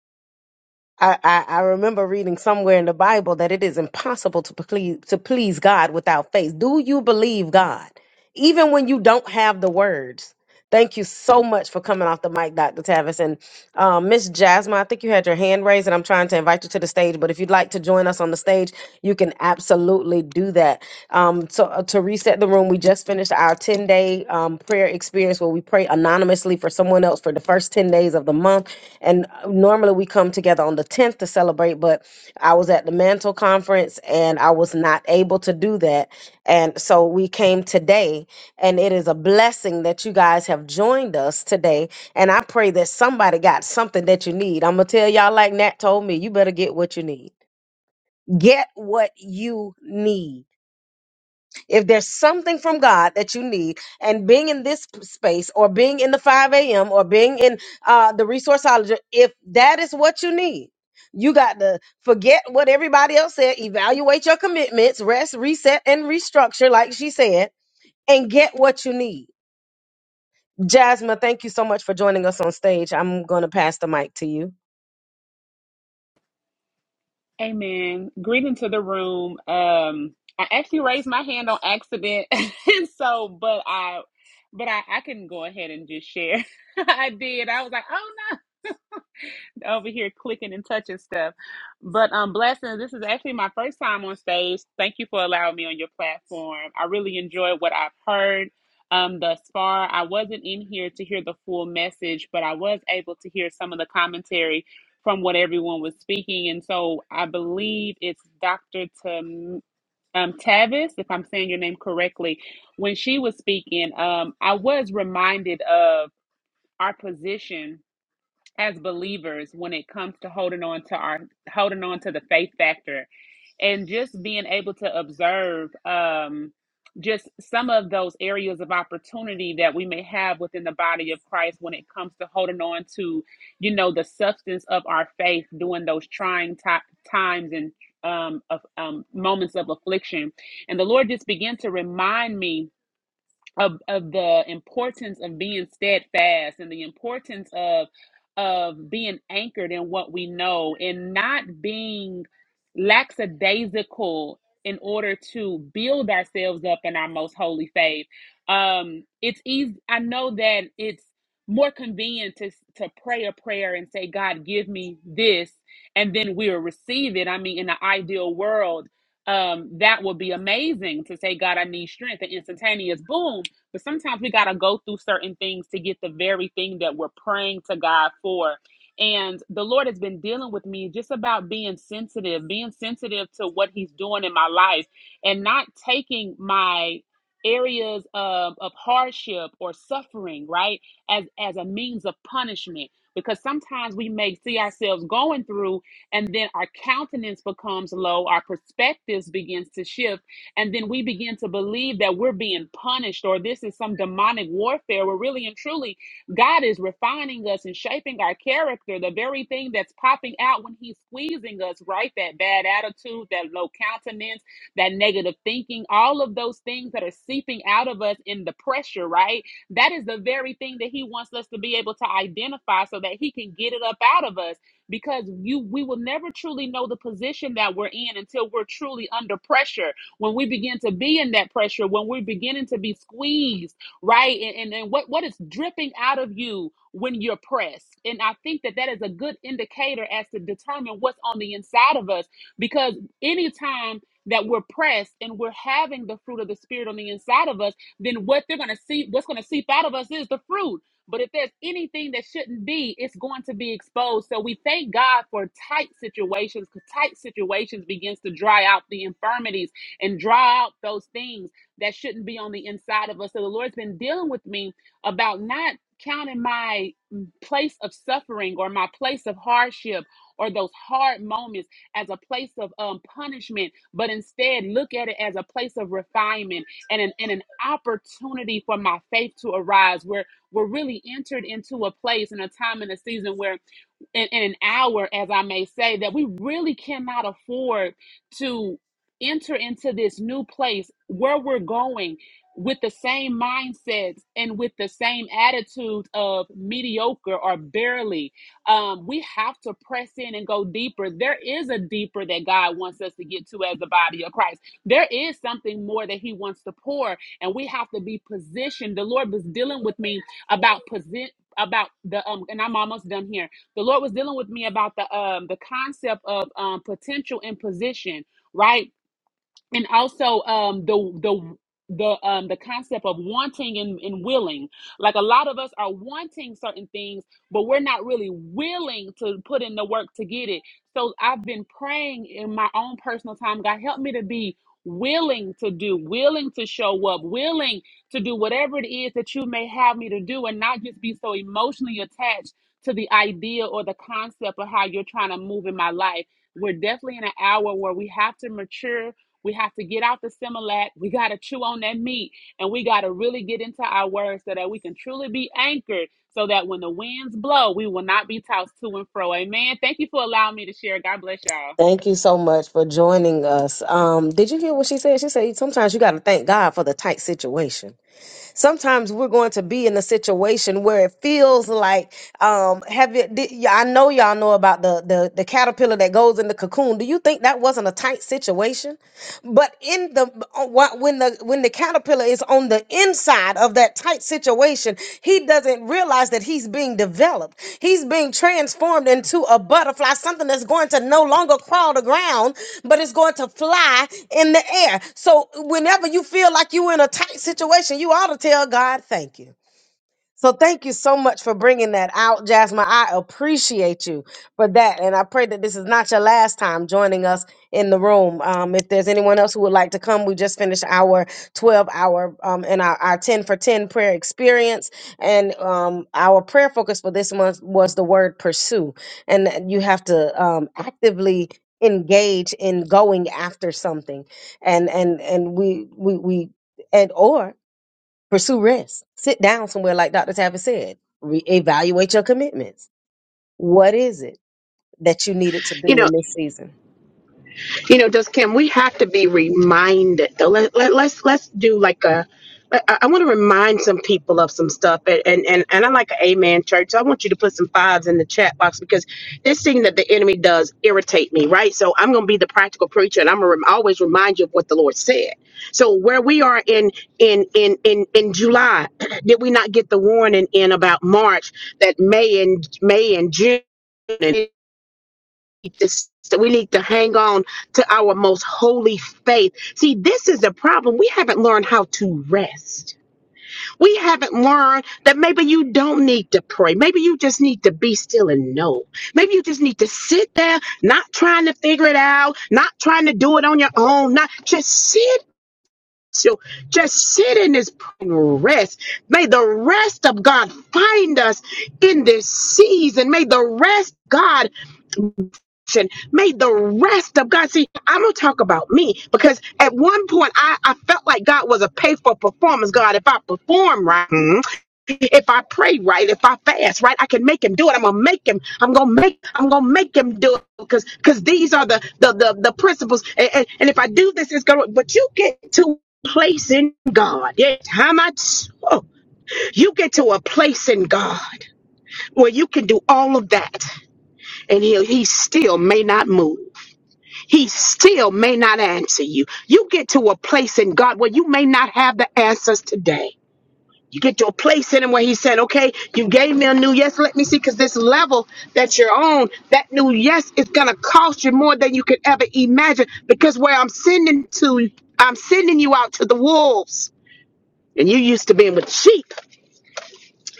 [SPEAKER 1] I, I, I remember reading somewhere in the Bible that it is impossible to please to please God without faith. Do you believe God? Even when you don't have the words. Thank you so much for coming off the mic, Dr. Tavis. And um, Miss Jasmine, I think you had your hand raised, and I'm trying to invite you to the stage. But if you'd like to join us on the stage, you can absolutely do that. Um, so, uh, to reset the room, we just finished our 10 day um, prayer experience where we pray anonymously for someone else for the first 10 days of the month. And uh, normally we come together on the 10th to celebrate, but I was at the Mantle Conference and I was not able to do that. And so we came today, and it is a blessing that you guys have joined us today. And I pray that somebody got something that you need. I'm going to tell y'all, like Nat told me, you better get what you need. Get what you need if there's something from God that you need, and being in this space or being in the 5 a.m. or being in uh, the resourceology, if that is what you need, you got to forget what everybody else said, evaluate your commitments, rest, reset, and restructure, like she said, and get what you need. Jasmine, thank you so much for joining us on stage. I'm going to pass the mic to you.
[SPEAKER 11] Amen. Greeting to the room. Um, I actually raised my hand on accident, and so, but I, but I, I can go ahead and just share. I did. I was like, oh no." over here clicking and touching stuff. But um blessings, this is actually my first time on stage. Thank you for allowing me on your platform. I really enjoyed what I've heard um thus far. I wasn't in here to hear the full message, but I was able to hear some of the commentary from what everyone was speaking. And so I believe it's Dr. Tam um, Tavis, if I'm saying your name correctly, when she was speaking, um, I was reminded of our position as believers when it comes to holding on to our holding on to the faith factor and just being able to observe um just some of those areas of opportunity that we may have within the body of Christ when it comes to holding on to you know the substance of our faith during those trying ti- times and um, of um, moments of affliction and the lord just began to remind me of, of the importance of being steadfast and the importance of of being anchored in what we know and not being lackadaisical in order to build ourselves up in our most holy faith. Um, it's easy. I know that it's more convenient to to pray a prayer and say, "God, give me this," and then we'll receive it. I mean, in the ideal world, um, that would be amazing to say, God, I need strength and instantaneous boom. But sometimes we got to go through certain things to get the very thing that we're praying to God for. And the Lord has been dealing with me just about being sensitive, being sensitive to what He's doing in my life and not taking my areas of, of hardship or suffering, right, as, as a means of punishment. Because sometimes we may see ourselves going through and then our countenance becomes low, our perspectives begins to shift and then we begin to believe that we're being punished or this is some demonic warfare where really and truly God is refining us and shaping our character, the very thing that's popping out when He's squeezing us, right? That bad attitude, that low countenance, that negative thinking, all of those things that are seeping out of us in the pressure, right? That is the very thing that He wants us to be able to identify so that He can get it up out of us because you we will never truly know the position that we're in until we're truly under pressure when we begin to be in that pressure, when we're beginning to be squeezed, right? And, and, and what, what is dripping out of you when you're pressed. And I think that that is a good indicator as to determine what's on the inside of us because anytime that we're pressed and we're having the fruit of the spirit on the inside of us, then what they're going to see, what's going to seep out of us is the fruit. But if there's anything that shouldn't be, it's going to be exposed. So we thank God for tight situations because tight situations begins to dry out the infirmities and draw out those things that shouldn't be on the inside of us. So the Lord's been dealing with me about not counting my mm, place of suffering or my place of hardship or those hard moments as a place of um, punishment, but instead look at it as a place of refinement and an, and an opportunity for my faith to arise. We're, we're really entered into a place and a time and a season where in, in an hour, as I may say, that we really cannot afford to enter into this new place where we're going with the same mindsets and with the same attitude of mediocre or barely. Um, we have to press in and go deeper. There is a deeper that God wants us to get to as the body of Christ. There is something more that He wants to pour, and we have to be positioned. The Lord was dealing with me about position about the um and I'm almost done here the Lord was dealing with me about the um the concept of um potential and position, right? and also um the the the um the concept of wanting and, and willing like a lot of us are wanting certain things but we're not really willing to put in the work to get it so i've been praying in my own personal time god help me to be willing to do willing to show up willing to do whatever it is that you may have me to do and not just be so emotionally attached to the idea or the concept of how you're trying to move in my life we're definitely in an hour where we have to mature we have to get out the Similac. We got to chew on that meat and we got to really get into our words so that we can truly be anchored so that when the winds blow, we will not be tossed to and fro. Amen. Thank you for allowing me to share. God bless y'all.
[SPEAKER 1] Thank you so much for joining us. Um, did you hear what she said? She said sometimes you got to thank God for the tight situation sometimes we're going to be in a situation where it feels like um have it did, yeah, i know y'all know about the, the the caterpillar that goes in the cocoon do you think that wasn't a tight situation but in the when the when the caterpillar is on the inside of that tight situation, he doesn't realize that he's being developed. He's being transformed into a butterfly, something that's going to no longer crawl the ground, but it's going to fly in the air. So whenever you feel like you're in a tight situation, you ought to tell God, "Thank you." So thank you so much for bringing that out, Jasmine. I appreciate you for that, and I pray that this is not your last time joining us in the room. Um, if there's anyone else who would like to come, we just finished our 12 hour um, and our, our 10 for 10 prayer experience, and um, our prayer focus for this month was the word pursue, and that you have to um, actively engage in going after something, and and and we we we. And or pursue rest. Sit down somewhere, like Dr. Tavis said. Reevaluate your commitments. What is it that you needed to do in this season?
[SPEAKER 10] you know just kim we have to be reminded though let, let, let's let's do like a i, I want to remind some people of some stuff and and and, and i like an amen church so i want you to put some fives in the chat box because this thing that the enemy does irritate me right so i'm gonna be the practical preacher and i'm gonna rem- always remind you of what the lord said so where we are in in in in, in july did we not get the warning in about march that may and may and june need to we need to hang on to our most holy faith. See, this is the problem. We haven't learned how to rest. We haven't learned that maybe you don't need to pray. Maybe you just need to be still and know. Maybe you just need to sit there, not trying to figure it out, not trying to do it on your own, not just sit. So just sit in this prayer and rest. May the rest of God find us in this season. May the rest, God, action made the rest of God. See, I'm gonna talk about me because at one point I, I felt like God was a pay for performance. God, if I perform right, mhm, if I pray right, if I fast right, I can make him do it. I'm gonna make him. I'm gonna make. I'm gonna make him do it because because these are the the the, the principles. And, and, and if I do this, it's gonna. But you get to a place in God. Yeah, how much? Oh, you get to a place in God where you can do all of that, and he he still may not move he still may not answer you. You get to a place in God where you may not have the answers today. You get to a place in him where he said, Okay, you gave me a new yes. Let me see, because this level that you're on, that new yes is gonna cost you more than you could ever imagine. Because where I'm sending to I'm sending you out to the wolves. And you used to being with sheep.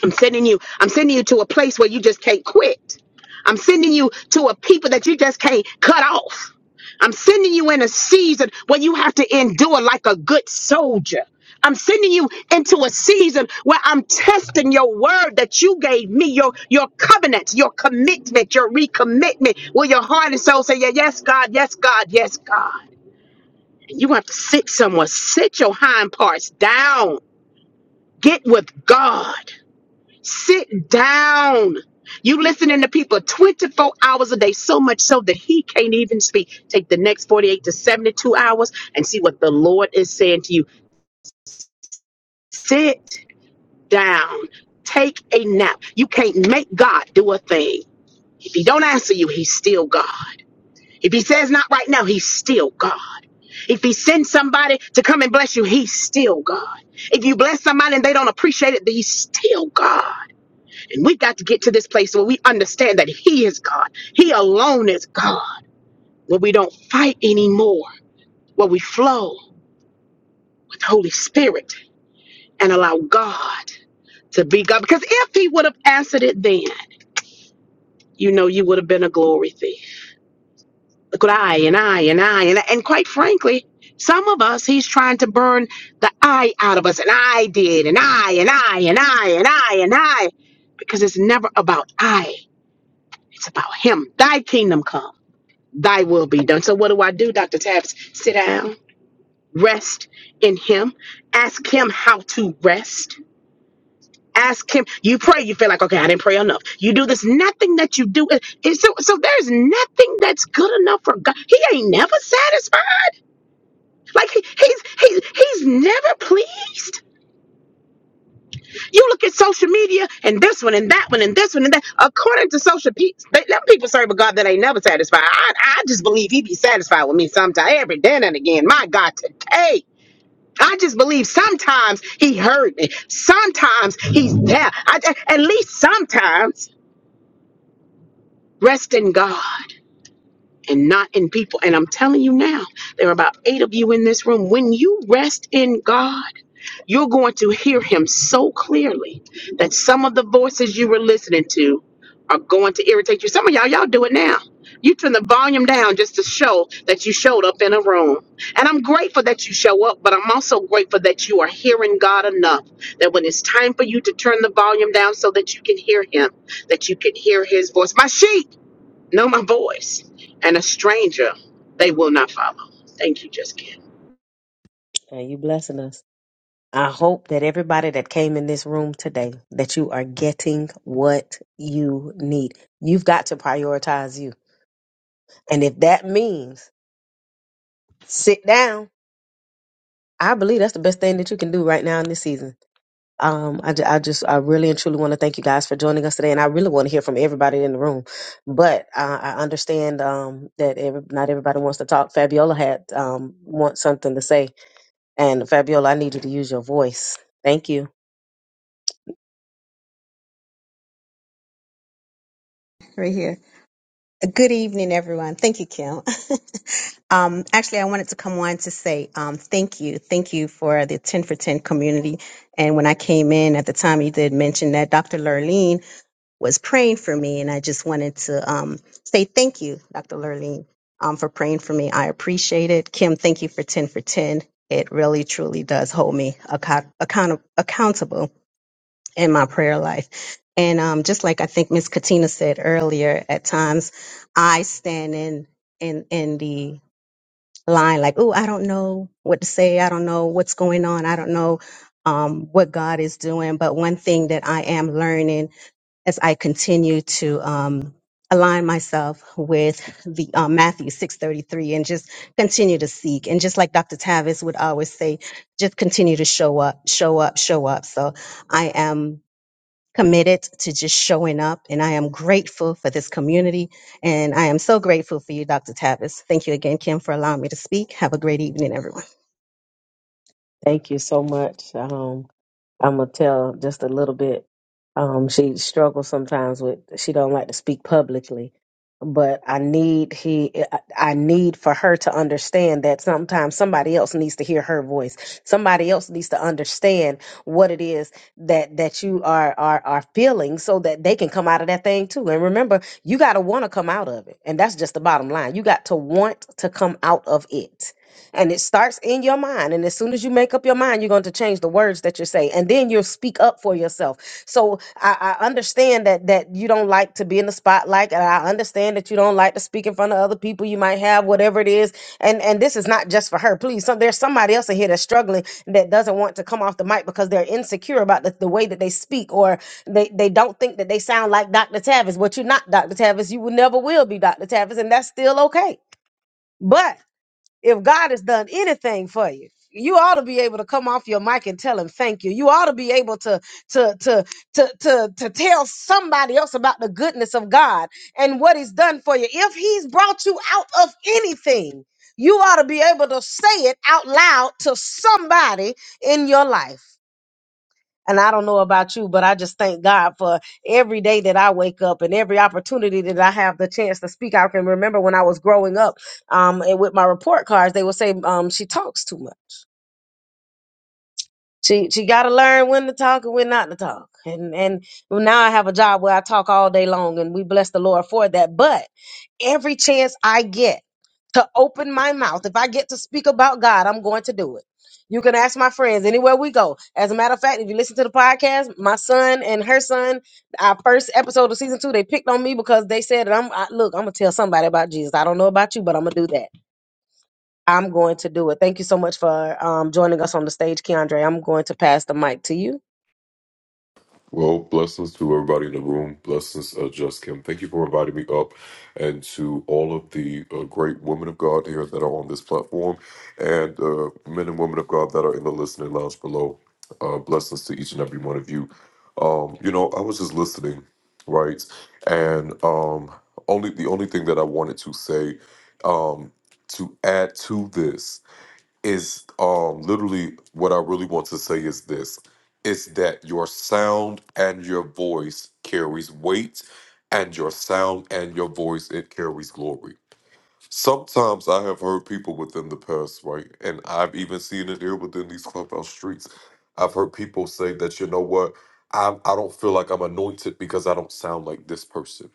[SPEAKER 10] I'm sending you, I'm sending you to a place where you just can't quit. I'm sending you to a people that you just can't cut off. I'm sending you in a season where you have to endure like a good soldier. I'm sending you into a season where I'm testing your word that you gave me, your your covenant, your commitment, your recommitment. Will your heart and soul say, Yeah, yes, God, yes, God, yes, God. You have to sit somewhere. Sit your hind parts down. Get with God. Sit down. You listening to people 24 hours a day, so much so that he can't even speak. Take the next 48 to 72 hours and see what the Lord is saying to you. Sit down. Take a nap. You can't make God do a thing. If he don't answer you, he's still God. If he says not right now, he's still God. If he sends somebody to come and bless you, he's still God. If you bless somebody and they don't appreciate it, he's still God. And we got to get to this place where we understand that He is God. He alone is God. Where we don't fight anymore, where we flow with the Holy Spirit and allow God to be God. Because if He would have answered it then, you know, you would have been a glory thief. Look what I and I and I and, I, and quite frankly, some of us, He's trying to burn the I out of us. And I did, and I and I and I and I and I. Because it's never about I, it's about Him. Thy kingdom come. thy will be done. So what do I do, Dr. Tabs? Sit down, rest in him, ask him how to rest. Ask him. You pray. You feel like okay, I didn't pray enough. You do this. Nothing that you do. It, it- so, so there's nothing that's good enough for God. He ain't never satisfied. Like he, he's he's he's never pleased. You look at social media and this one and that one and this one and that. According to social peeps, they, them people serve a God that ain't never satisfied. I, I just believe he be satisfied with me sometime, every day and again. My God, today. I just believe sometimes he heard me. Sometimes he's there. I- at least sometimes rest in God and not in people. And I'm telling you now, there are about eight of you in this room. When you rest in God, You're going to hear him so clearly that some of the voices you were listening to are going to irritate you. Some of y'all, y'all do it now. You turn the volume down just to show that you showed up in a room. And I'm grateful that you show up, but I'm also grateful that you are hearing God enough that when it's time for you to turn the volume down so that you can hear Him, that you can hear His voice. My sheep know my voice, and a stranger they will not follow. Thank you, Just Kim.
[SPEAKER 1] And you blessing us. I hope that everybody that came in this room today, that you are getting what you need. You've got to prioritize you. And if that means sit down, I believe that's the best thing that you can do right now in this season Um, I, ju- I just, I really and truly want to thank you guys for joining us today, and I really want to hear from everybody in the room. But uh, I understand um, that every, not everybody wants to talk. Fabiola had um, wants something to say, and Fabiola, I need you to use your voice. Thank you.
[SPEAKER 12] Right here. Uh, Good evening, everyone. Thank you, Kim. um, actually, I wanted to come on to say um, thank you. Thank you for the 10 for 10 community. And when I came in at the time, you did mention that Dr. Lurleen was praying for me. And I just wanted to um, say thank you, Dr. Lurleen, um, for praying for me. I appreciate it. Kim, thank you for 10 for 10. It really, truly does hold me account- account- accountable in my prayer life. And um, just like I think Miss Katina said earlier, at times I stand in in in the line like, "Oh, I don't know what to say. I don't know what's going on. I don't know um, what God is doing." But one thing that I am learning as I continue to um, align myself with the um, Matthew six thirty three and just continue to seek, and just like Dr. Tavis would always say, just continue to show up, show up, show up. So I am committed to just showing up. And I am grateful for this community. And I am so grateful for you, Dr. Tavis. Thank you again, Kim, for allowing me to speak. Have a great evening, everyone.
[SPEAKER 1] Thank you so much. Um, I'm gonna tell just a little bit. Um, she struggles sometimes with she don't like to speak publicly, but I need he I I need for her to understand that sometimes somebody else needs to hear her voice. Somebody else needs to understand what it is that that you are are are feeling, so that they can come out of that thing too. And remember, you got to want to come out of it, and that's just the bottom line. You got to want to come out of it and it starts in your mind. And as soon as you make up your mind, you're going to change the words that you say. And then you'll speak up for yourself. So I, I understand that that you don't like to be in the spotlight. And I understand that you don't like to speak in front of other people you might have, whatever it is. And and this is not just for her. Please, so there's somebody else in here that's struggling that doesn't want to come off the mic because they're insecure about the, the way that they speak or they, they don't think that they sound like Dr. Tavis. But you're not Dr. Tavis. You will never will be Dr. Tavis, and that's still okay. But if God has done anything for you, you ought to be able to come off your mic and tell him thank you. You ought to be able to to to to to to tell somebody else about the goodness of God and what he's done for you. If he's brought you out of anything, you ought to be able to say it out loud to somebody in your life. And I don't know about you, but I just thank God for every day that I wake up and every opportunity that I have the chance to speak. I can remember when I was growing up, um, and with my report cards, they would say, um, she talks too much. She she got to learn when to talk and when not to talk. And and now I have a job where I talk all day long, and we bless the Lord for that. But every chance I get to open my mouth, if I get to speak about God, I'm going to do it. You can ask my friends anywhere we go. As a matter of fact, if you listen to the podcast, my son and her son, our first episode of season two, they picked on me because they said that I'm I, look. I'm gonna tell somebody about Jesus. I don't know about you, but I'm gonna do that. I'm going to do it. Thank you so much for um, joining us on the stage, Keandre. I'm going to pass the mic to you.
[SPEAKER 13] Well, blessings to everybody in the room. Blessings, uh, Just Kim. Thank you for inviting me up, and to all of the uh, great women of God here that are on this platform, and uh, men and women of God that are in the listening lounge below. Uh, blessings to each and every one of you. Um, you know, I was just listening, right? And um, only the only thing that I wanted to say um, to add to this is um literally what I really want to say is this it's that your sound and your voice carries weight and your sound and your voice it carries glory Sometimes I have heard people within the past, right? And I've even seen it here within these clubhouse streets. I've heard people say that, you know what? I, I don't feel like I'm anointed because I don't sound like this person.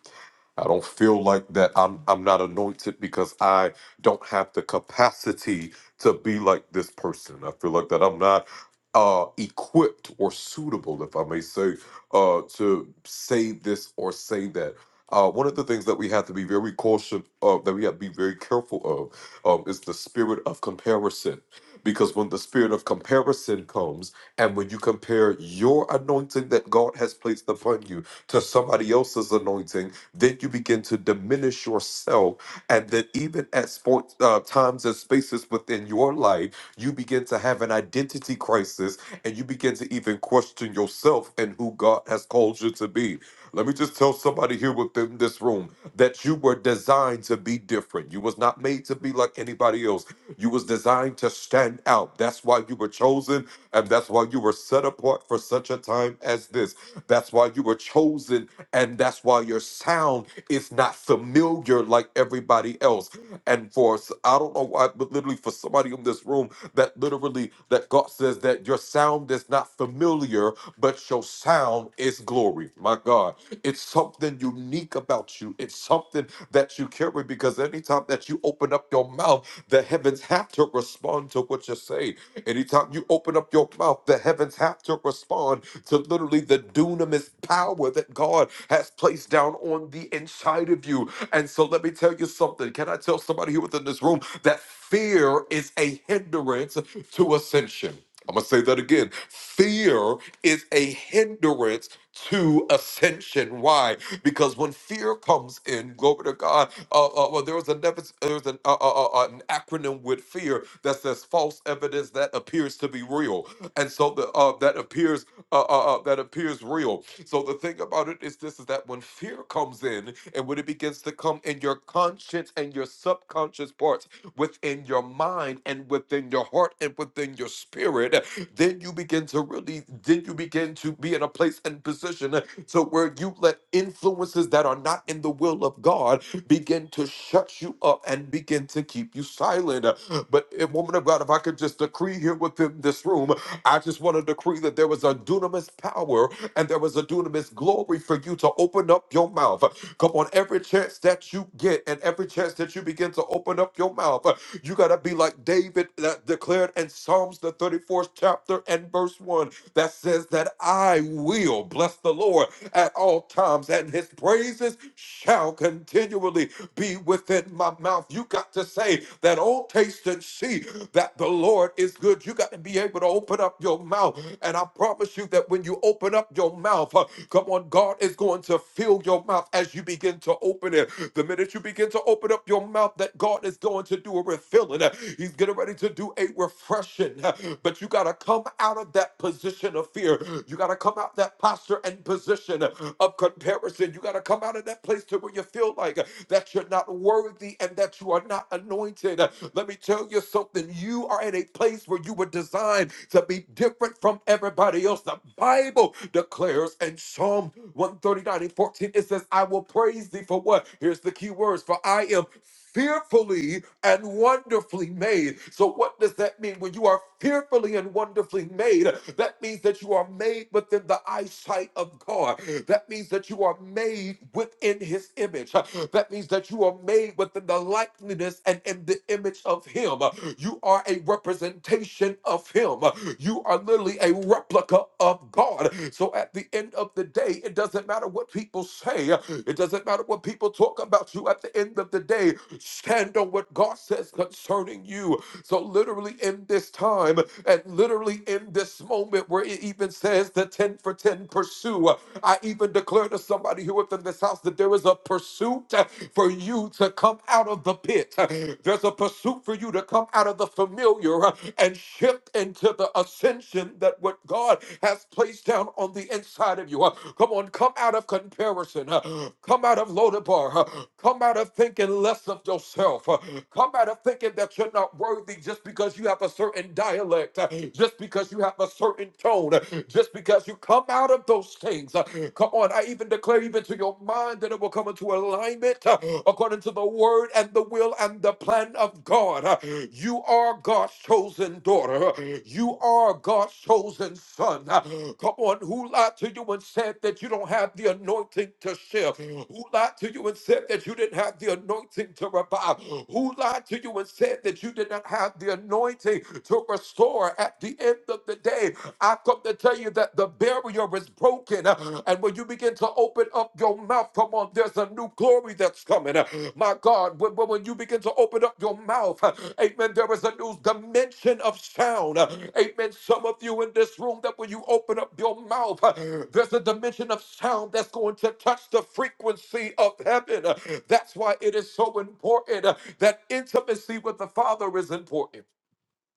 [SPEAKER 13] I don't feel like that I'm I'm not anointed because I don't have the capacity to be like this person. I feel like that I'm not uh equipped or suitable, if I may say, uh to say this or say that. Uh, one of the things that we have to be very cautious of, that we have to be very careful of, um, is the spirit of comparison. Because when the spirit of comparison comes, and when you compare your anointing that God has placed upon you to somebody else's anointing, then you begin to diminish yourself. And then, even at sport, uh, times and spaces within your life, you begin to have an identity crisis and you begin to even question yourself and who God has called you to be. Let me just tell somebody here within this room that you were designed to be different. You was not made to be like anybody else. You was designed to stand out. That's why you were chosen and that's why you were set apart for such a time as this. That's why you were chosen and that's why your sound is not familiar like everybody else. And for s- I don't know why, but literally for somebody in this room that literally that God says that your sound is not familiar, but your sound is glory. My God, it's something unique about you. It's something that you carry because anytime that you open up your mouth, the heavens have to respond to what you say. Anytime you open up your mouth, the heavens have to respond to literally the dunamis power that God has placed down on the inside of you. And so let me tell you something. Can I tell somebody here within this room that fear is a hindrance to ascension? I'm going to say that again. Fear is a hindrance to ascension. Why? Because when fear comes in, glory to God, uh, uh, well, there was a nev- there's an, uh, uh, uh, an acronym with fear that says false evidence that appears to be real. And so the uh, that appears uh, uh, uh, that appears real. So the thing about it is this is that when fear comes in and when it begins to come in your conscience and your subconscious parts, within your mind and within your heart and within your spirit, then you begin to really, then you begin to be in a place and position to where you let influences that are not in the will of God begin to shut you up and begin to keep you silent. But eh, woman of God, if I could just decree here within this room, I just want to decree that there was a dunamis power and there was a dunamis glory for you to open up your mouth. Come on, every chance that you get and every chance that you begin to open up your mouth, uh, you got to be like David that declared in Psalms, the 34th chapter and verse 1, that says that I will bless the Lord at all times and his praises shall continually be within my mouth. You got to say that, oh, taste and see that the Lord is good. You got to be able to open up your your mouth. And I promise you that when you open up your mouth, uh, come on, God is going to fill your mouth as you begin to open it. The minute you begin to open up your mouth, that God is going to do a refilling. Uh, He's getting ready to do a refreshing. Uh, But you got to come out of that position of fear. You got to come out that posture and position uh, of comparison. You got to come out of that place to where you feel like uh, that you're not worthy worthy and that you are not anointed. Let me tell you something. You are in a place where you were designed to be different from everybody else. The Bible declares in Psalm 139 and 14, it says, I will praise thee for what? Here's the key words for I am fearfully and wonderfully made. So, what does that mean? When you are fearfully and wonderfully made, that means that you are made within the eyesight of God. That means that you are made within His image. That means that you are made within the likeness and in the in the image of Him. You are a representation of Him. You are literally a replica of God. So at the end of the day, it doesn't matter what people say, it doesn't matter what people talk about you. At the end of the day, stand on what God says concerning you. So, literally, in this time and literally in this moment where it even says the 10 for 10 pursue, I even declare to somebody who within this house that there is a pursuit for you to come out of the pit. There's a pursuit for you to come out of the familiar and shift into the ascension that what God has placed down on the inside of you. Come on, Lord, come out of comparison, uh, come out of Lodabar, uh, come out of thinking less of yourself, uh, come out of thinking that you're not worthy just because you have a certain dialect, uh, just because you have a certain tone, uh, just because you come out of those things. uh, Come on, I even declare even to your mind that it will come into alignment uh, according to the word and the will and the plan of God. huh? You are God's chosen daughter. You are God's chosen son. Come on, who lied to you and said that you don't have the anointing to share? Who lied to you and said that you didn't have the anointing to revive? Who lied to you and said that you did not have the anointing to restore at the end of the day? I come to tell you that the barrier is broken. And when you begin begin to open up your mouth, come on, there's a new glory that's coming. Uh, My God, when, when when you begin to open up your mouth, uh, amen, there is a new dimension of sound. Uh, Amen. Some of you in this room, that when you open up your mouth, uh, there's a dimension of sound that's going to touch the frequency of heaven. Uh, That's why it is so important uh, that intimacy with the Father is important.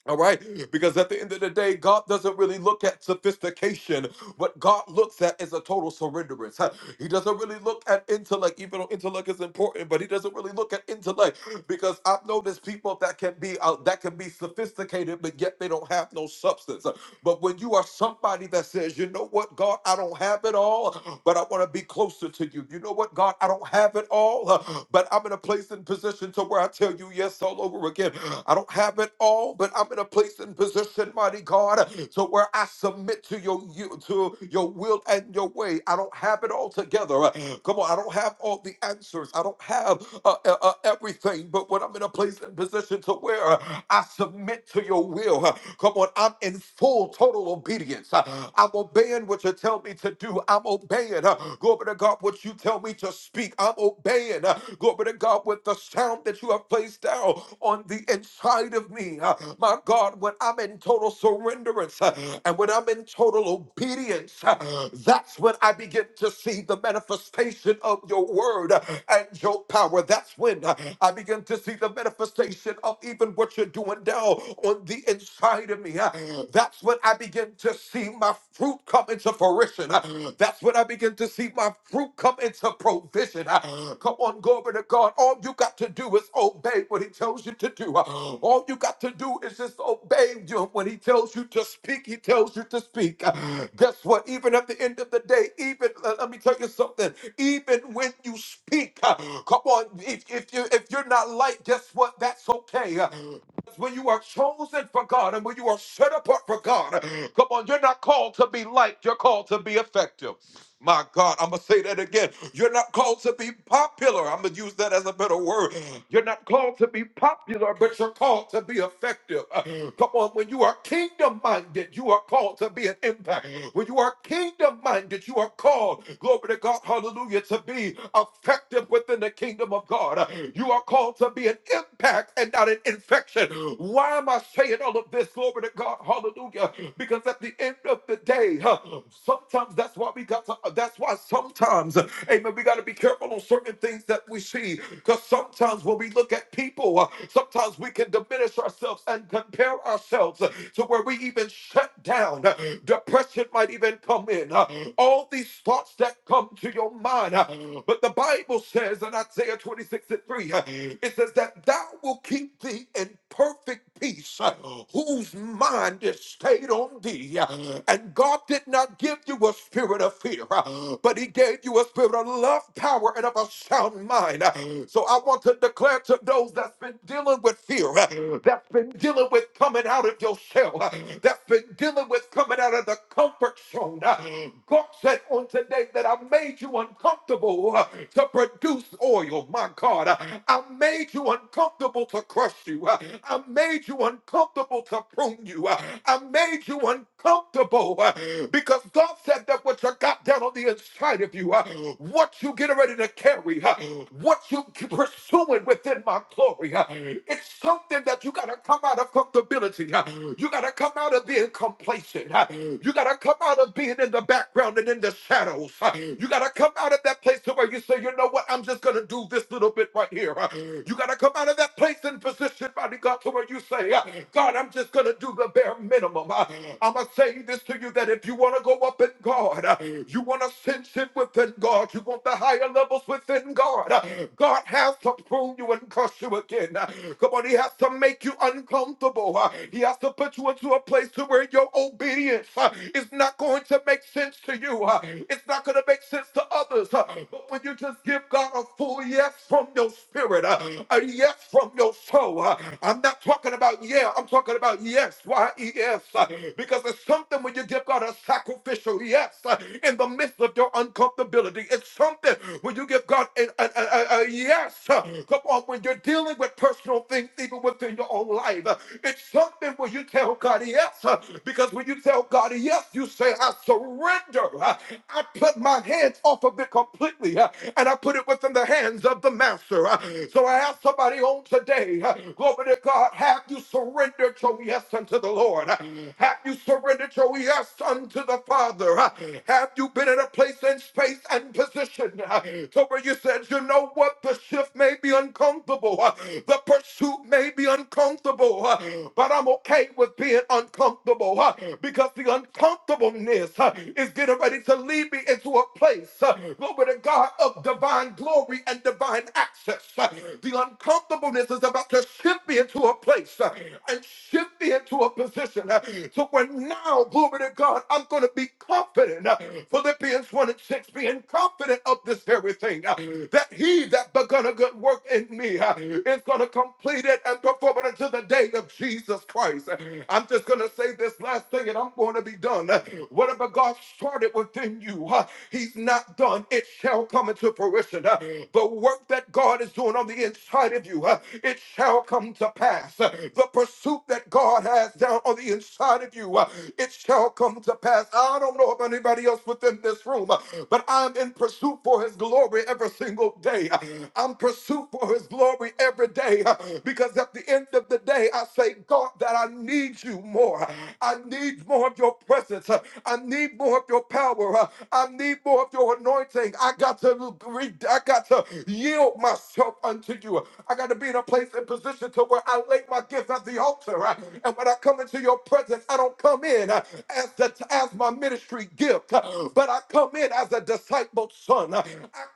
[SPEAKER 13] All right, because at the end of the day, God doesn't really look at sophistication. What God looks at is a total surrenderance. Huh. He doesn't really look at intellect, even though intellect is important, but he doesn't really look at intellect because I've noticed people that can be uh, that can be sophisticated, but yet they don't have no substance. But when you are somebody that says, you know what, God, I don't have it all, but I want to be closer to you. You know what, God? I don't have it all, uh, but I'm in a place and position to where I tell you yes all over again. I don't have it all, but I'm in a place and position, mighty God, uh, to where I submit to your you to your will and your way. I don't have it all together. uh, Come on, I don't have all the answers. I don't have uh, uh, uh, everything, but when I'm in a place and position to where uh, I submit to your will, uh, come on, I'm in full total obedience. Uh, I'm obeying what you tell me to do. I'm obeying. uh, Glory to God, what you tell me to speak. I'm obeying. uh, Glory to God, with the sound that you have placed down on the inside of me. Uh, My God, when I'm in total surrenderance uh, and when I'm in total obedience, uh, that's when I begin to see the manifestation of your word uh, and your power. That's when uh, I begin to see the manifestation of even what you're doing now on the inside of me me. Uh, That's when I begin to see my fruit come into fruition. Uh, That's when I begin to see my fruit come into provision. Uh, Come on, glory to God. All you got to do is obey what He tells you to do. Uh, All you got to do is just obey you. When He tells you to speak, He tells you to speak. Uh, Guess what? Even at the end of the day, even uh, let me tell you something. Even when you speak, uh, come on, if, if you if you're not light, guess what? That's okay. Uh, because when you are chosen for God and when you are set apart for God, come on, you're not called to be liked, you're called to be effective. My God, I'm going to say that again. You're not called to be popular. I'm going to use that as a better word. You're not called to be popular, but you're called to be effective. Uh, Come on, when you are kingdom minded, you are called to be an impact. When you are kingdom minded, you are called, glory to God, hallelujah, to be effective within the kingdom of God. Uh, You are called to be an impact and not an infection. Why am I saying all of this, glory to God, hallelujah? Because at the end of the day, huh, sometimes that's why we got to, that's why sometimes, amen, we got to be careful on certain things that we see. Because sometimes what when we look at people, uh, sometimes we can diminish ourselves and compare ourselves uh, to where we even shut down. Uh, Depression might even come in. Uh, All these thoughts that come to your mind. uh, But the Bible says in Isaiah 26 and 3, uh, it says that thou will keep thee in perfect peace, uh, whose mind is stayed on thee. Uh, And God did not give you a spirit of fear, uh, but He gave you a spirit of love, power, and of a sound mind. Uh, So I want to declare declare to those that's been dealing with fear, uh, that's been dealing with coming out of your shell, uh, that's been dealing with coming out of the comfort zone. uh, God said on today that I made you uncomfortable uh, to produce oil. My God, uh, I made you uncomfortable to crush you. uh, I made you uncomfortable to prune you. uh, I made you uncomfortable Comfortable, uh, because God said that what you got down on the inside of you, uh, what you get ready to carry, uh, what you keep pursuing within my glory, uh, it's something that you got to come out of comfortability. uh, you got to come out of being complacent. uh, you got to come out of being in the background and in the shadows. uh, you got to come out of that place to where you say, you know what, I'm just going to do this little bit right here. uh, you got to come out of that place and position, body God, to where you say, uh, God, I'm just going to do the bare minimum. I'm going to say this to you that if you want to go up in God, uh, you want to ascension within God, you want the higher levels within God, uh, God has to prune you and crush you again. Uh, Come on, He has to make you uncomfortable. Uh, He has to put you into a place to where your obedience uh, is not going to make sense to you. Uh, It's not going to make sense to others. Uh, But when you just give God a full yes from your spirit, uh, a yes from from your soul. Uh, I'm not talking about yeah, I'm talking about yes, Y-E-S. uh, Because it's something when you give God a sacrificial yes uh, in the midst of your uncomfortability. It's something when you give God a, a, a, a- a yes. uh, Come on, when you're dealing with personal things, even within your own life. uh, It's something when you tell God yes. uh, Because when you tell God yes, you say, I surrender. uh, I put my hands off of it completely. uh, And I put it within the hands hands of the master. Uh, So I ask somebody on today, uh, glory to God, have you surrendered your yes unto the Lord? Uh, Have you surrendered your yes unto the Father? Uh, Have you been in a place and space and position uh, to where you said, you know what, the shift may be uncomfortable, uh, the pursuit may be uncomfortable, uh, but I'm okay with being uncomfortable uh, because the uncomfortableness uh, is getting ready to lead me into a place place, uh, glory to God, of divine glory and divine access. Uh, The uncomfortableness is about to shift me into a place uh, and shift me into a position uh, to where now, glory to God, I'm going to be confident. uh, Philippians 1 and 6, being confident of this very thing, uh, that he that begun a good work in me uh, is going to complete it and perform it until the day of Jesus Christ. Uh, I'm just going to say this last thing and I'm going to be done. Uh, Whatever God started within you, uh, He's not done. It shall come into fruition. Uh, the work that God is doing on the inside of you, uh, it shall come to pass. Uh, the pursuit that God has down on the inside of you, uh, it shall come to pass. I don't know about anybody else within this room, uh, but I'm in pursuit for His glory every single day. Uh, I'm pursuit for His glory every day uh, because at the end of the day, I say, God, that I need you more more. I need more of your presence. I need more of your power. I need more of your anointing. I got to re- I got to yield myself unto you. I got to be in a place and position to where I lay my gifts at the altar. And when I come into your presence, I don't come in as the as my ministry gift, but I come in as a discipled son. I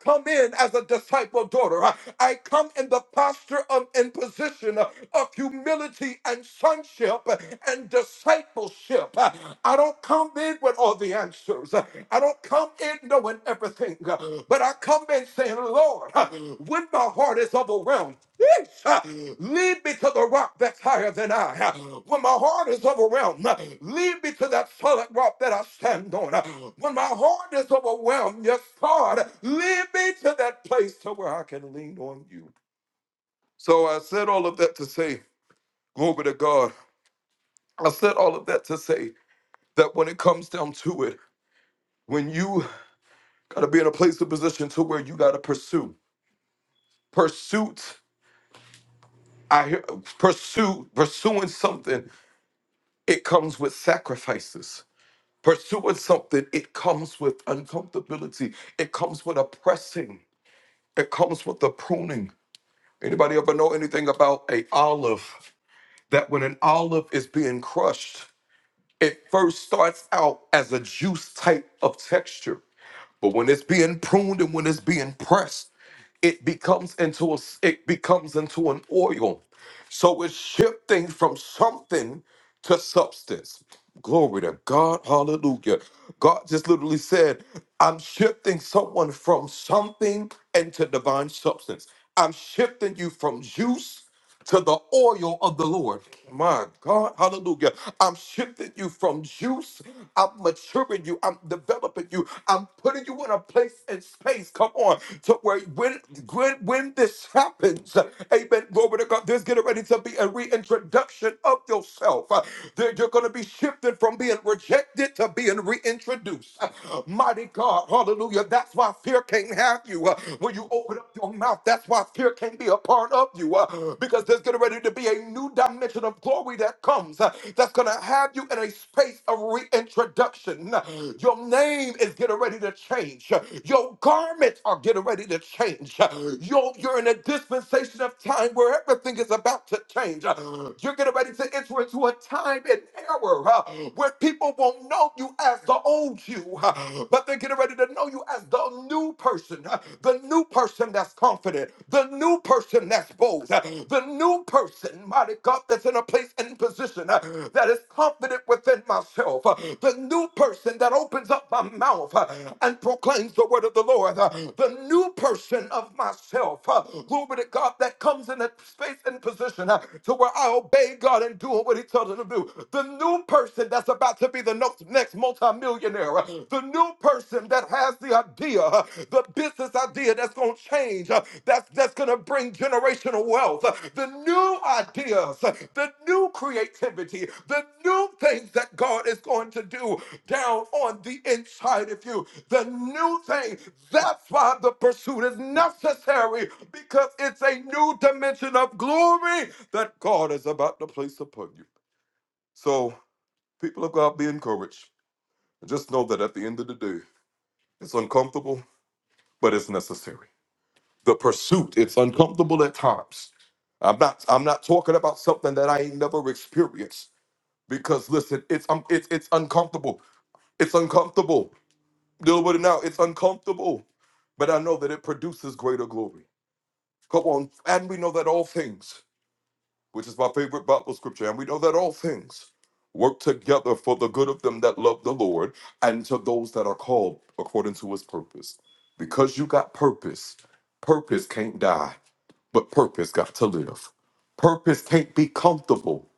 [SPEAKER 13] come in as a disciple daughter. I come in the posture of in position of humility and sonship and discipleship. I don't come in with all the answers. I don't come in knowing everything, but I come in saying, Lord, when my heart is overwhelmed, yeesh, lead me to the rock that's higher than I. When my heart is overwhelmed, lead me to that solid rock that I stand on. When my heart is overwhelmed, yes, God, lead me to that place to where I can lean on you. So I said all of that to say Glory to God. I said all of that to say that when it comes down to it, when you gotta be in a place of position to where you gotta pursue. Pursuit, I hear pursue, pursuing something, it comes with sacrifices. Pursuing something, it comes with uncomfortability. It comes with a pressing. It comes with the pruning. Anybody ever know anything about a olive? That when an olive is being crushed, it first starts out as a juice type of texture But when it's being pruned and when it's being pressed, it becomes into a it becomes into an oil. So it's shifting from something to substance. Glory to God. Hallelujah. God just literally said, I'm shifting someone from something into divine substance. I'm shifting you from juice to the oil of the Lord. My God, hallelujah. I'm shifting you from juice. I'm maturing you. I'm developing you. I'm putting you in a place and space. Come on. To where when when when this happens happens, amen, glory to God, there's getting ready to be a reintroduction of yourself. Uh, there- You're going to be shifted from being rejected to being reintroduced. Uh, Mighty God, hallelujah. That's why fear can't have you. Uh, When you open up your mouth, that's why fear can't be a part of you uh, because there's getting ready to be a new dimension of glory that comes uh, that's going to have you in a space of reintroduction. Your name is getting ready to change. Your garments are getting getting ready to change. You're, you're in a dispensation of time where everything is about to change. You're getting ready to enter into a time and era uh, where people won't know you as the old you, uh, but they're getting ready to know you as the new person, uh, the new person that's confident, the new person that's bold, uh, the new person, mighty God, that's in a place and position uh, that is confident within myself, uh, the new person that opens up my mouth. uh, and proclaims the word of the Lord. Uh, The new person of myself, uh, glory to God, that comes in a space and position uh, to where I obey God and do what He tells me to do. The new person that's about to be the no- next multimillionaire, uh, the new person that has the idea, uh, the business idea that's going to change, uh, that's that's going to bring generational wealth, uh, the new ideas, uh, the new creativity, the new things that God is going to do down on the inside of you. The new thing. That's why the pursuit is necessary because it's a new dimension of glory that God is about to place upon you. So, people of God, be encouraged. Just know that at the end of the day, it's uncomfortable, but it's necessary. The pursuit, it's uncomfortable at times. I'm not I'm not talking about something that I ain't never experienced because listen, it's um, it's it's uncomfortable. It's uncomfortable. Deal with it now. It's uncomfortable. but I know that it produces greater glory. Come on, and we know that all things, which is my favorite Bible scripture, and we know that all things work together for the good of them that love the Lord and to those that are called according to his purpose. Because you got purpose, purpose can't die, but purpose got to live. Purpose can't be comfortable,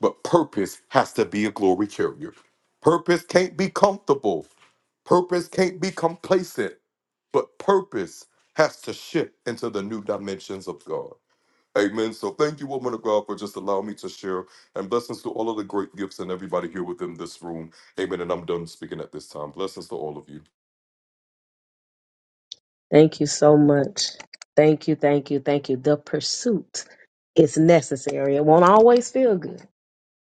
[SPEAKER 13] but purpose has to be a glory carrier. Purpose can't be comfortable. Purpose can't be complacent. But purpose has to shift into the new dimensions of God. Amen. So thank you, woman of God, for just allowing me to share and blessings to all of the great gifts and everybody here within this room. Amen. And I'm done speaking at this time. Blessings to all of you.
[SPEAKER 1] Thank you so much. Thank you, thank you, thank you. The pursuit is necessary. It won't always feel good.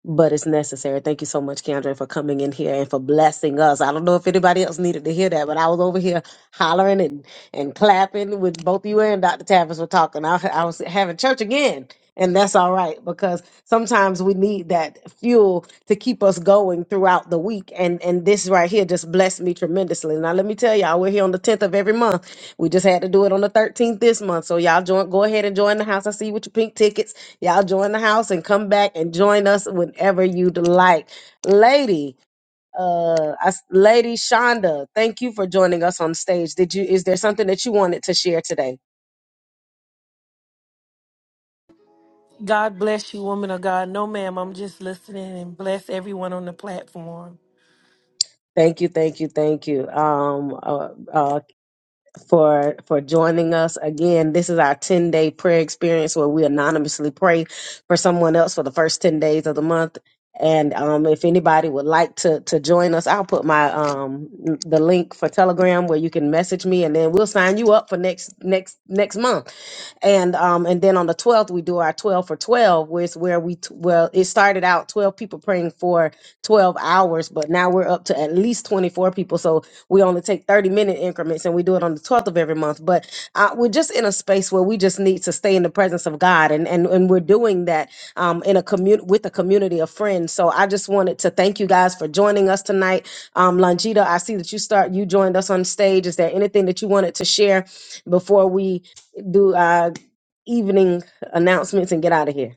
[SPEAKER 1] but it's necessary. Thank you so much, Keandre, for coming in here and for blessing us. I don't know if anybody else needed to hear that, but I was over here hollering and, and clapping with both you and Dr. Tavis were talking. I, I was having church again, and that's all right because sometimes we need that fuel to keep us going throughout the week. And and this right here just blessed me tremendously. Now let me tell y'all, we're here on the 10th of every month. We just had to do it on the 13th this month. So y'all join go ahead and join the house. I see you with your pink tickets Y'all join the house and come back and join us whenever you'd like. Lady, uh, I s- Lady Shonda, thank you for joining us on stage. Did you? Is there something that you wanted to share today?
[SPEAKER 14] God bless you, woman of God. No, ma'am. I'm just listening and bless everyone on the platform.
[SPEAKER 1] Thank you, thank you, thank you. Um, uh, uh, for for joining us again. This is our 10 day prayer experience where we anonymously pray for someone else for the first 10 days of the month. And um, if anybody would like to to join us, I'll put my um the link for Telegram where you can message me, and then we'll sign you up for next next next month and um and then on the 12th we do our 12 for 12 which where we t- well it started out 12 people praying for 12 hours but now we're up to at least 24 people so we only take 30 minute increments and we do it on the 12th of every month but uh, we're just in a space where we just need to stay in the presence of god and and, and we're doing that um in a community with a community of friends so i just wanted to thank you guys for joining us tonight um langita i see that you start you joined us on stage is there anything that you wanted to share before we do evening announcements and get out of here.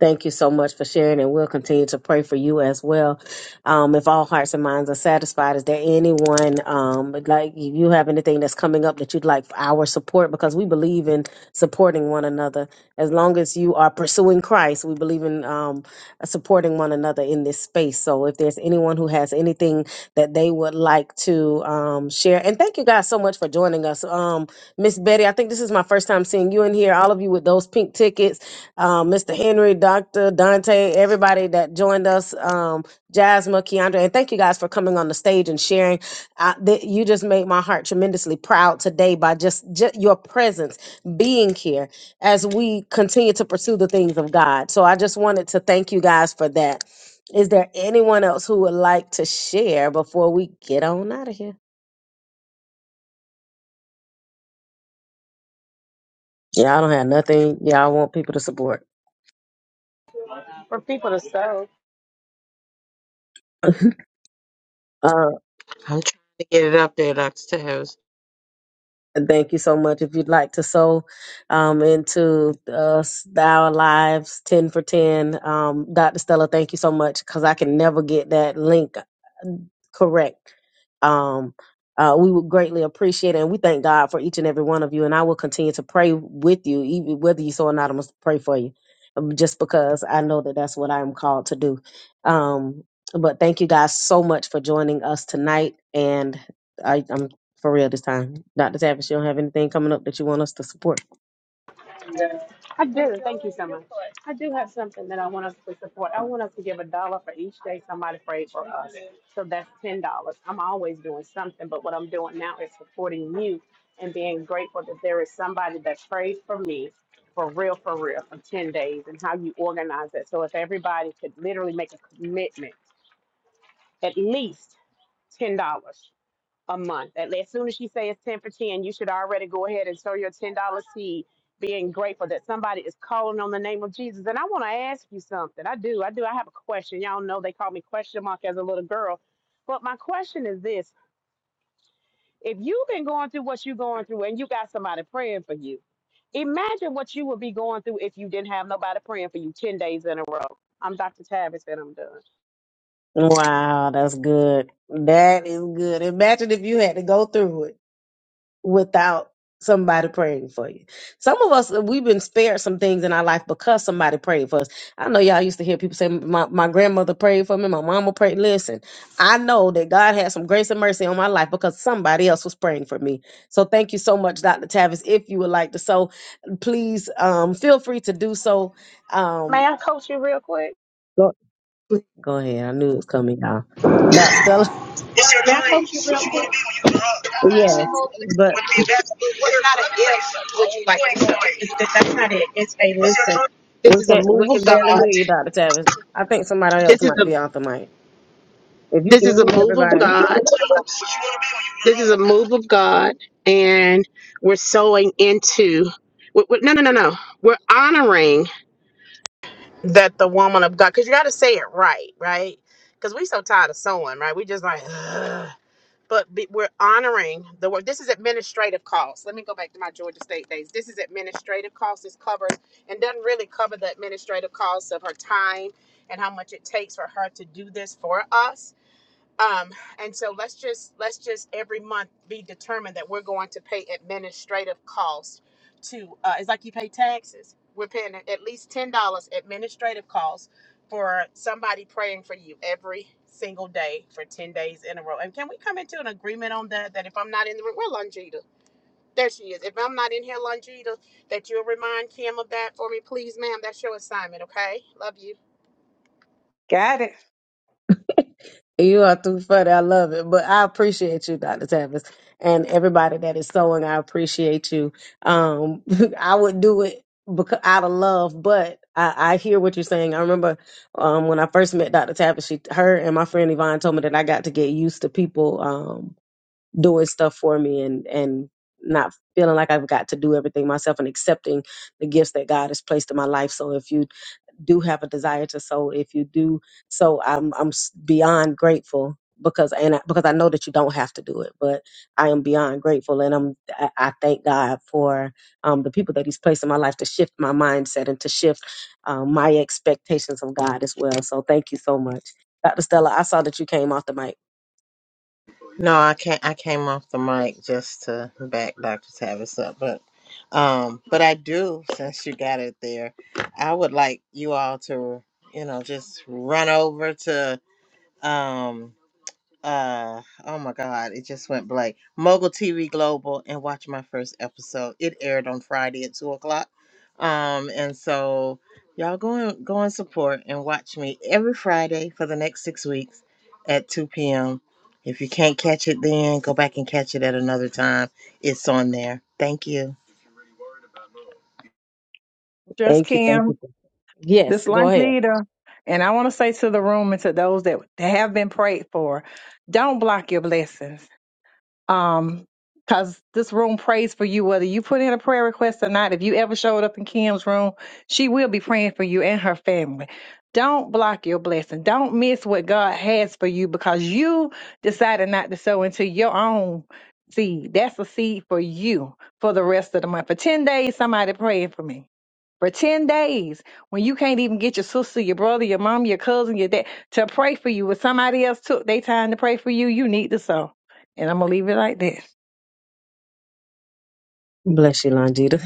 [SPEAKER 1] Thank you so much for sharing, and we'll continue to pray for you as well. Um, if all hearts and minds are satisfied, is there anyone um, would like if you have anything that's coming up that you'd like for our support? Because we believe in supporting one another. As long as you are pursuing Christ, we believe in um, supporting one another in this space. So, if there's anyone who has anything that they would like to um, um, share. And thank you guys so much for joining us. Um, Miss Betty, I think this is my first time seeing you in here. All of you with those pink tickets, um, Mr. Henry, Doctor Dante, everybody that joined us, um, Jasmine, Keandra, and thank you guys for coming on the stage and sharing. I, th- you just made my heart tremendously proud today by just, just your presence, being here as we continue to pursue the things of God. So I just wanted to thank you guys for that. Is there anyone else who would like to share before we get on out of here? Y'all don't have nothing. Y'all want people to support.
[SPEAKER 10] For people to sow.
[SPEAKER 1] Uh,
[SPEAKER 5] I'm trying to get it up there, Dr. Tails.
[SPEAKER 1] thank you so much. If you'd like to sow um, into uh, s- our lives, ten for ten, um, Dr. Stella, thank you so much because I can never get that link Correct. Um, uh, we would greatly appreciate it, and we thank God for each and every one of you. And I will continue to pray with you, even whether you so or not. I'm gonna pray for you, um, just because I know that that's what I am called to do. Um, but thank you guys so much for joining us tonight, and I, I'm for real this time. Dr. Tavis, you don't have anything coming up that you want us to support? Wow, that's good. That is good. Imagine if you had to go through it. without somebody praying for you. Some of us we've been spared some things in our life because somebody prayed for us. I know y'all used to hear people say my, my grandmother prayed for me, my mama prayed. Listen, I know that God had some grace and mercy on my life because somebody else was praying for me. So thank you so much, Dr. Tavis. If you would like to so please um feel free to do so. Um go, go ahead. I knew it was coming, y'all. Dr. Stella.
[SPEAKER 10] It's your That's what you What you want to be when you grow up? You
[SPEAKER 1] Yes. but.
[SPEAKER 10] want to be a basketball player? not an if. Would you like to know? Listen,
[SPEAKER 1] We
[SPEAKER 10] this is a
[SPEAKER 1] can we
[SPEAKER 10] move
[SPEAKER 1] can
[SPEAKER 10] of
[SPEAKER 1] barely
[SPEAKER 10] God.
[SPEAKER 1] hear you, Dr. Tavis. I think somebody else
[SPEAKER 10] This is
[SPEAKER 1] might
[SPEAKER 10] a
[SPEAKER 1] be off the mic. If you
[SPEAKER 10] this
[SPEAKER 1] can
[SPEAKER 10] is a
[SPEAKER 1] mute
[SPEAKER 10] move of
[SPEAKER 1] everybody,
[SPEAKER 10] God. What you want to be when you This grow is a up? move of God, and we're sowing into. we we- no, no, no, no. We're honoring that the woman of God, because you got to say it right, right? Because we so tired of sowing, right? We just like. but be, we're honoring the work. This is administrative costs. Let me go back to my Georgia State days. This is administrative costs. This covers and doesn't really cover the administrative costs of her time and how much it takes for her to do this for us um, and so let's just let's just every month be determined that we're going to pay administrative costs to uh, it's like you pay taxes. We're paying at least ten dollars administrative costs for somebody praying for you every single day for ten days in a row. And can we come into an agreement on that? That if I'm not in the room, where Longita? There she is. If I'm not in here, Longita, that you'll remind Kim of that for me, please, ma'am. That's your assignment, okay? Love you.
[SPEAKER 15] Got it.
[SPEAKER 1] you are too funny. I love it. But I appreciate you, Dr. Tavis, and everybody that is sewing. I appreciate you. Um, I would do it because out of love, but I, I hear what you're saying. I remember um, when I first met Dr. Tavis, she, her and my friend Yvonne told me that I got to get used to people. Um. doing stuff for me and and not feeling like I've got to do everything myself and accepting the gifts that God has placed in my life. So if you do have a desire to sow, if you do so, I'm I'm s- beyond grateful because and I, because I know that you don't have to do it, but I am beyond grateful and I'm I, I thank God for um, the people that He's placed in my life to shift my mindset and to shift um, my expectations of God as well. So thank you so much, Dr. Stella. I saw that you came off the mic.
[SPEAKER 5] No, I can't. I came off the mic just to back Dr. Tavis up, but um, but I do. Since you got it there, I would like you all to, you know, just run over to um uh oh my god it just went blank mogul tv global and watch my first episode it aired on friday at two o'clock um and so y'all go and go and support and watch me every friday for the next six weeks at 2 p.m if you can't catch it then go back and catch it at another time it's on there thank you
[SPEAKER 15] Just
[SPEAKER 1] Thank you, thank
[SPEAKER 15] Kim,
[SPEAKER 1] you. Yes,
[SPEAKER 15] this
[SPEAKER 1] go
[SPEAKER 15] lunch
[SPEAKER 1] ahead.
[SPEAKER 15] leader. And I want to say to the room and to those that have been prayed for, don't block your blessings. um because this room prays for you whether you put in a prayer request or not if you ever showed up in kim's room she will be praying for you and her family don't block your blessing don't miss what god has for you because you decided not to sow into your own seed that's a seed for you for the rest of the month for 10 days somebody praying for me for 10 days when you can't even get your sister your brother your mom your cousin your dad to pray for you when somebody else took their time to pray for you you need to sow and I'm going to leave it like this.
[SPEAKER 1] Bless you, Longita.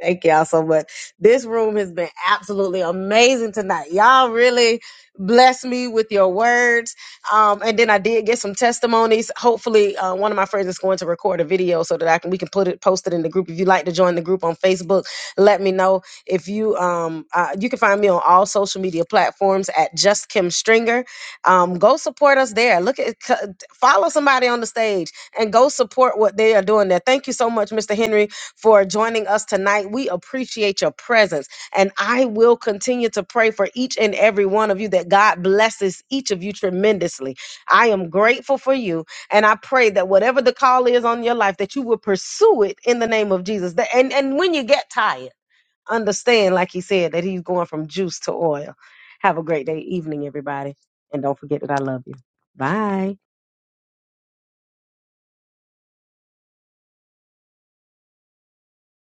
[SPEAKER 1] Thank y'all so much. This room has been absolutely amazing tonight. Y'all really blessed me with your words. Um, and then I did get some testimonies. Hopefully, uh, one of my friends is going to record a video so that I can we can put it post it in the group. If you'd like to join the group on Facebook, let me know. If you um uh, you can find me on all social media platforms at Just Kim Stringer. Um, go support us there. Look at c- follow somebody on the stage and go support what they are doing there. Thank you so much, Mr. Henry for joining us tonight. We appreciate your presence. And I will continue to pray for each and every one of you that God blesses each of you tremendously. I am grateful for you. And I pray that whatever the call is on your life, that you will pursue it in the name of Jesus. That- And, and when you get tired, understand, like he said, that he's going from juice to oil. Have a great day, evening, everybody. And don't forget that I love you. Bye.